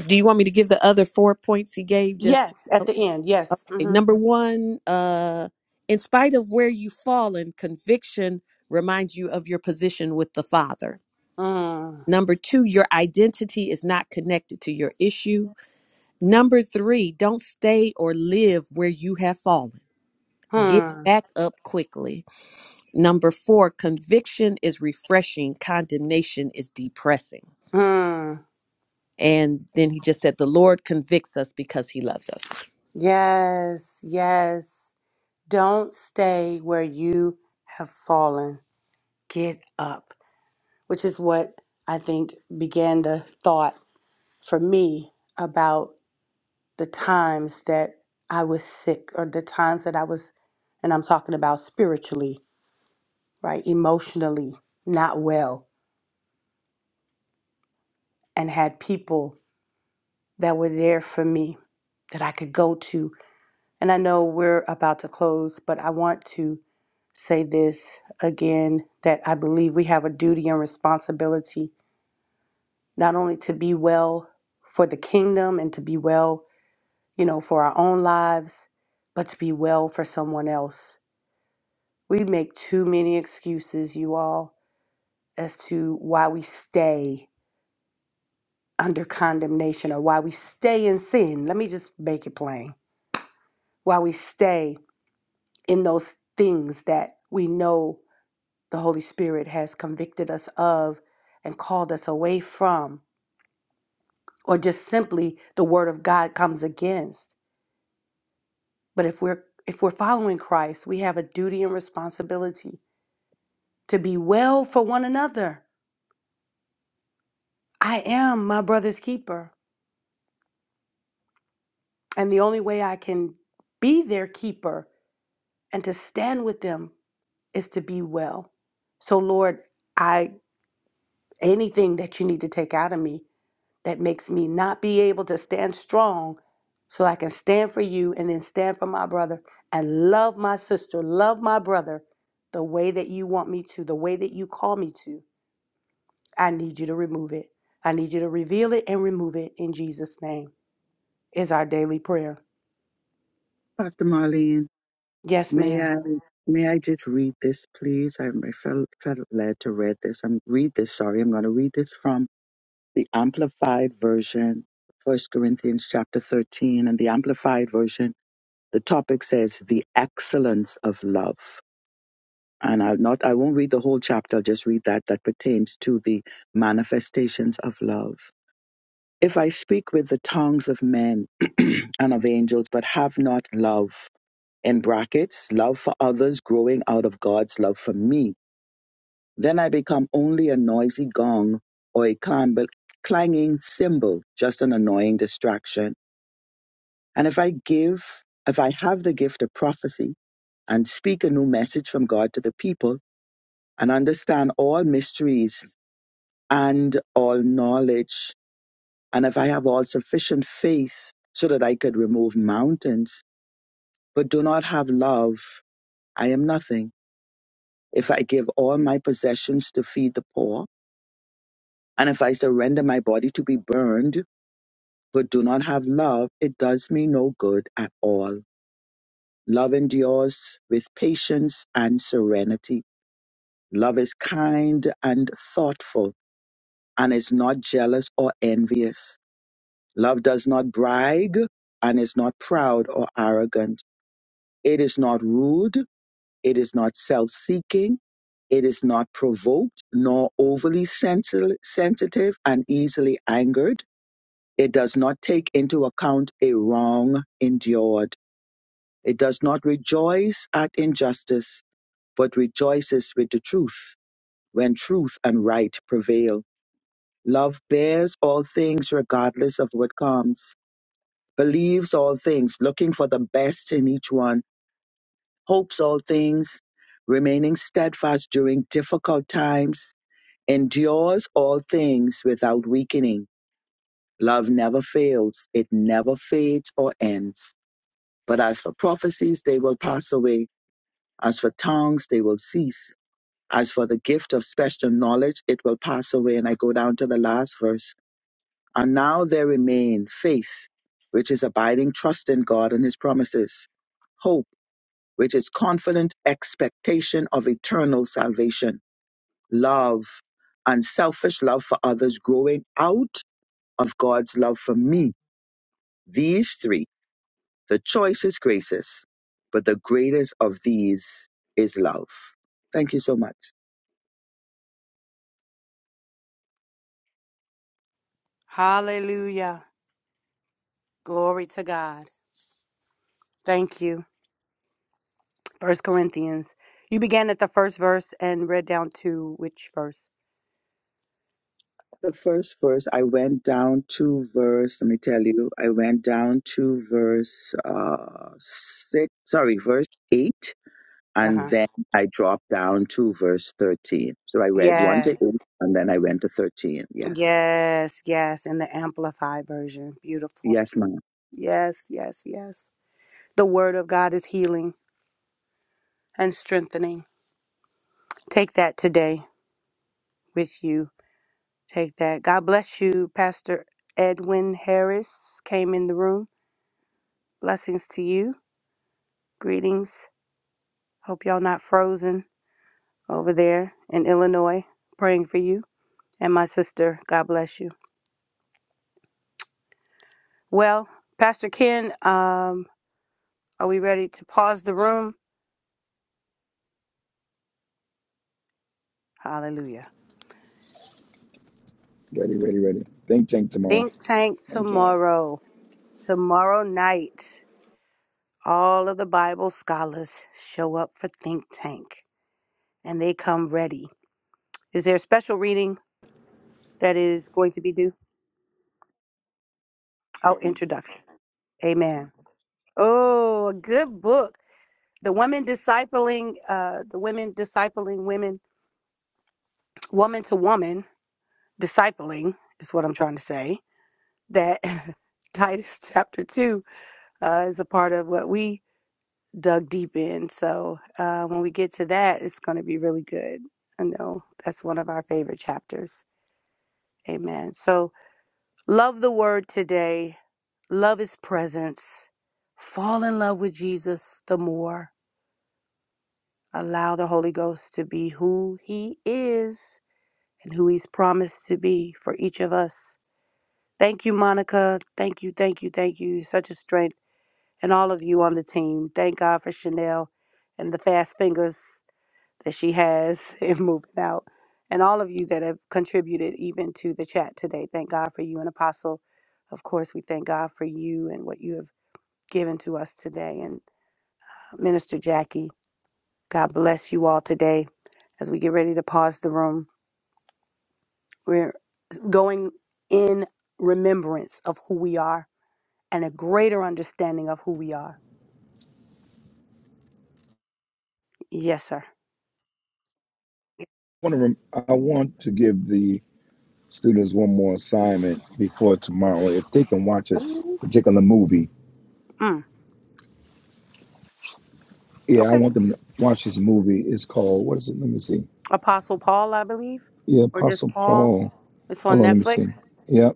B: Do you want me to give the other four points he gave just?
I: Yes. At the end. Yes. hmm
B: Number one, uh, in spite of where you've fallen, conviction reminds you of your position with the Father.
I: Mm.
B: Number two, your identity is not connected to your issue. Number three, don't stay or live where you have fallen. Get
I: Hmm.
B: back up quickly. Number four, conviction is refreshing, condemnation is depressing.
I: Hmm.
B: And then he just said, The Lord convicts us because he loves us.
I: Yes. Yes. Don't stay where you have fallen. Get up, which is what I think began the thought for me about the times that I was sick or the times that I was, and I'm talking about spiritually, right? Emotionally, not well, and had people that were there for me that I could go to. And I know we're about to close, but I want to say this again that I believe we have a duty and responsibility not only to be well for the kingdom and to be well you know, for our own lives, but to be well for someone else. We make too many excuses, you all, as to why we stay under condemnation or why we stay in sin. Let me just make it plain. Why we stay in those things that we know the Holy Spirit has convicted us of and called us away from or just simply the word of God comes against. But if we're if we're following Christ, we have a duty and responsibility to be well for one another. I am my brother's keeper. And the only way I can be their keeper and to stand with them is to be well. So Lord, I anything that you need to take out of me that makes me not be able to stand strong so I can stand for you and then stand for my brother and love my sister, love my brother the way that you want me to, the way that you call me to. I need you to remove it. I need you to reveal it and remove it in Jesus' name. is our daily prayer.
H: Pastor Marlene,
I: Yes,
H: may
I: ma'am.
H: I may I just read this, please? I, I felt felt led to read this. I'm read this. Sorry, I'm going to read this from the Amplified version, First Corinthians chapter 13, and the Amplified version. the topic says the excellence of love and i'll not i won't read the whole chapter i'll just read that that pertains to the manifestations of love if i speak with the tongues of men and of angels but have not love in brackets love for others growing out of god's love for me then i become only a noisy gong or a clamble- clanging cymbal just an annoying distraction and if i give if i have the gift of prophecy and speak a new message from God to the people and understand all mysteries and all knowledge. And if I have all sufficient faith so that I could remove mountains, but do not have love, I am nothing. If I give all my possessions to feed the poor, and if I surrender my body to be burned, but do not have love, it does me no good at all. Love endures with patience and serenity. Love is kind and thoughtful. and is not jealous or envious. Love does not brag and is not proud or arrogant. It is not rude. It is not self seeking. It is not provoked, nor overly sensi- sensitive and easily angered. It does not take into account a wrong endured. It does not rejoice at injustice, but rejoices with the truth when truth and right prevail. Love bears all things regardless of what comes, believes all things, looking for the best in each one, hopes all things, remaining steadfast during difficult times, endures all things without weakening. Love never fails, it never fades or ends. But as for prophecies, they will pass away. As for tongues, they will cease. As for the gift of special knowledge, it will pass away. And I go down to the last verse And now there remain faith, which is abiding trust in God and his promises, hope, which is confident expectation of eternal salvation, love, unselfish love for others growing out of God's love for me. These three, the choice is graces, but the greatest of these is love. Thank you so much.
I: Hallelujah. Glory to God. Thank you. First Corinthians. You began at the first verse and read down to which verse?
H: the first verse, I went down to verse, let me tell you, I went down to verse uh, 6, sorry, verse 8,
I: Uh
H: and
I: huh.
H: then I dropped down to verse 13. So I read 1 to 8,
I: Yes.
H: and then I went to 13. Yes.
I: Yes. Yes. In the Amplified version. Beautiful.
H: Yes, ma'am.
I: Yes. Yes. Yes. The Word of God is healing and strengthening. Take that today with you. Take that. God bless you. Pastor Edwin Harris came in the room. Blessings to you. Greetings. Hope y'all not frozen over there in Illinois. Praying for you and my sister. God bless you. Well, Pastor Ken, um, are we ready to pause the room? Hallelujah.
A: Ready, ready, ready. Think tank tomorrow.
I: Think tank
A: Thank God.
I: tomorrow. Tomorrow night, all of the Bible scholars show up for think tank and they come ready. Is there a special reading that is going to be due? Oh, introduction. Amen. Oh, a good book. the women discipling uh the women discipling women woman to woman discipling is what i'm trying to say that titus chapter 2 uh is a part of what we dug deep in so uh when we get to that it's going to be really good i know that's one of our favorite chapters amen so love the word today love his presence fall in love with jesus the more allow the holy ghost to be who he is and who he's promised to be for each of us. Thank you, Monica. Thank you, thank you, thank you. You're Such a strength. And all of you on the team. Thank God for Chanel and the fast fingers that she has in moving out. And all of you that have contributed even to the chat today. Thank God for you and Apostle. Of course, we thank God for you and what you have given to us today. And uh, Minister Jackie, God bless you all today as we get ready to pause the room. going in remembrance of who we are and a greater understanding of who we are. Yes, sir.
A: I want to, I want to give the students one more assignment before tomorrow if they can watch a
I: Ooh.
A: particular movie.
I: Mm,
A: Yeah, I
I: okay.
A: want them to watch this movie. It's called what is it? Let me see.
I: Apostle Paul, I believe,
A: Yeah,
I: or just
A: Apostle
I: Paul.
A: Paul.
I: It's on
A: Hold on, let me see.
I: Netflix.
A: Yep.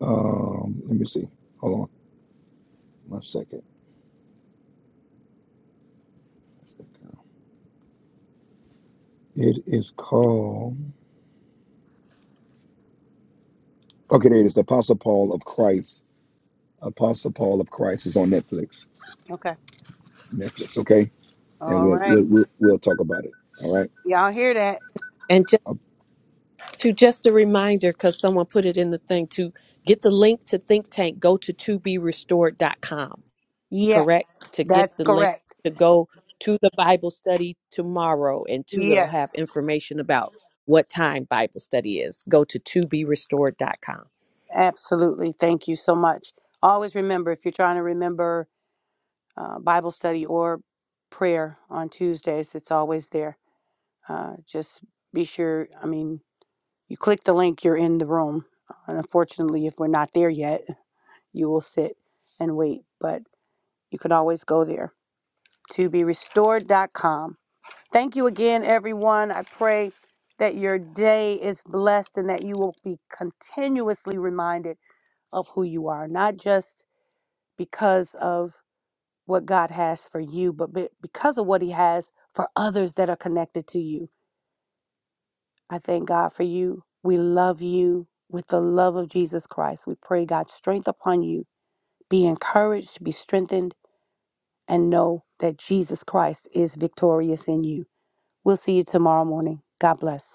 A: Um, let me see. Hold on. One second. One second. It is called Okay, there it is. Apostle Paul of Christ. Apostle Paul of Christ is on Netflix.
I: Okay.
A: Netflix, okay? And
I: All
A: we'll
I: right.
A: we'll we'll, we'll talk about it. All right.
I: Y'all hear that?
B: and to just a reminder because someone put it in the thing to get the link to think tank go to to be restored dot com. correct
I: Yes,
B: to get
I: that's
B: the link
I: correct.
B: to go to the bible study tomorrow and two it'll have
I: Yes,
B: information about what time bible study is go to to be restored dot com.
I: absolutely. Thank you so much. Always remember if you're trying to remember uh, Bible study or prayer on Tuesdays, it's always there. Uh, just be sure. I mean, You click the link, you're in the room. And unfortunately, if we're not there yet, you will sit and wait, but you can always go there. To be restored. dot Com. Thank you again, everyone. I pray that your day is blessed and that you will be continuously reminded of who you are, not just because of what God has for you, but be- because of what He has for others that are connected to you. I thank God for you. We love you with the love of Jesus Christ. We pray God's strength upon you. Be encouraged, be strengthened, and know that Jesus Christ is victorious in you. We'll see you tomorrow morning. God bless.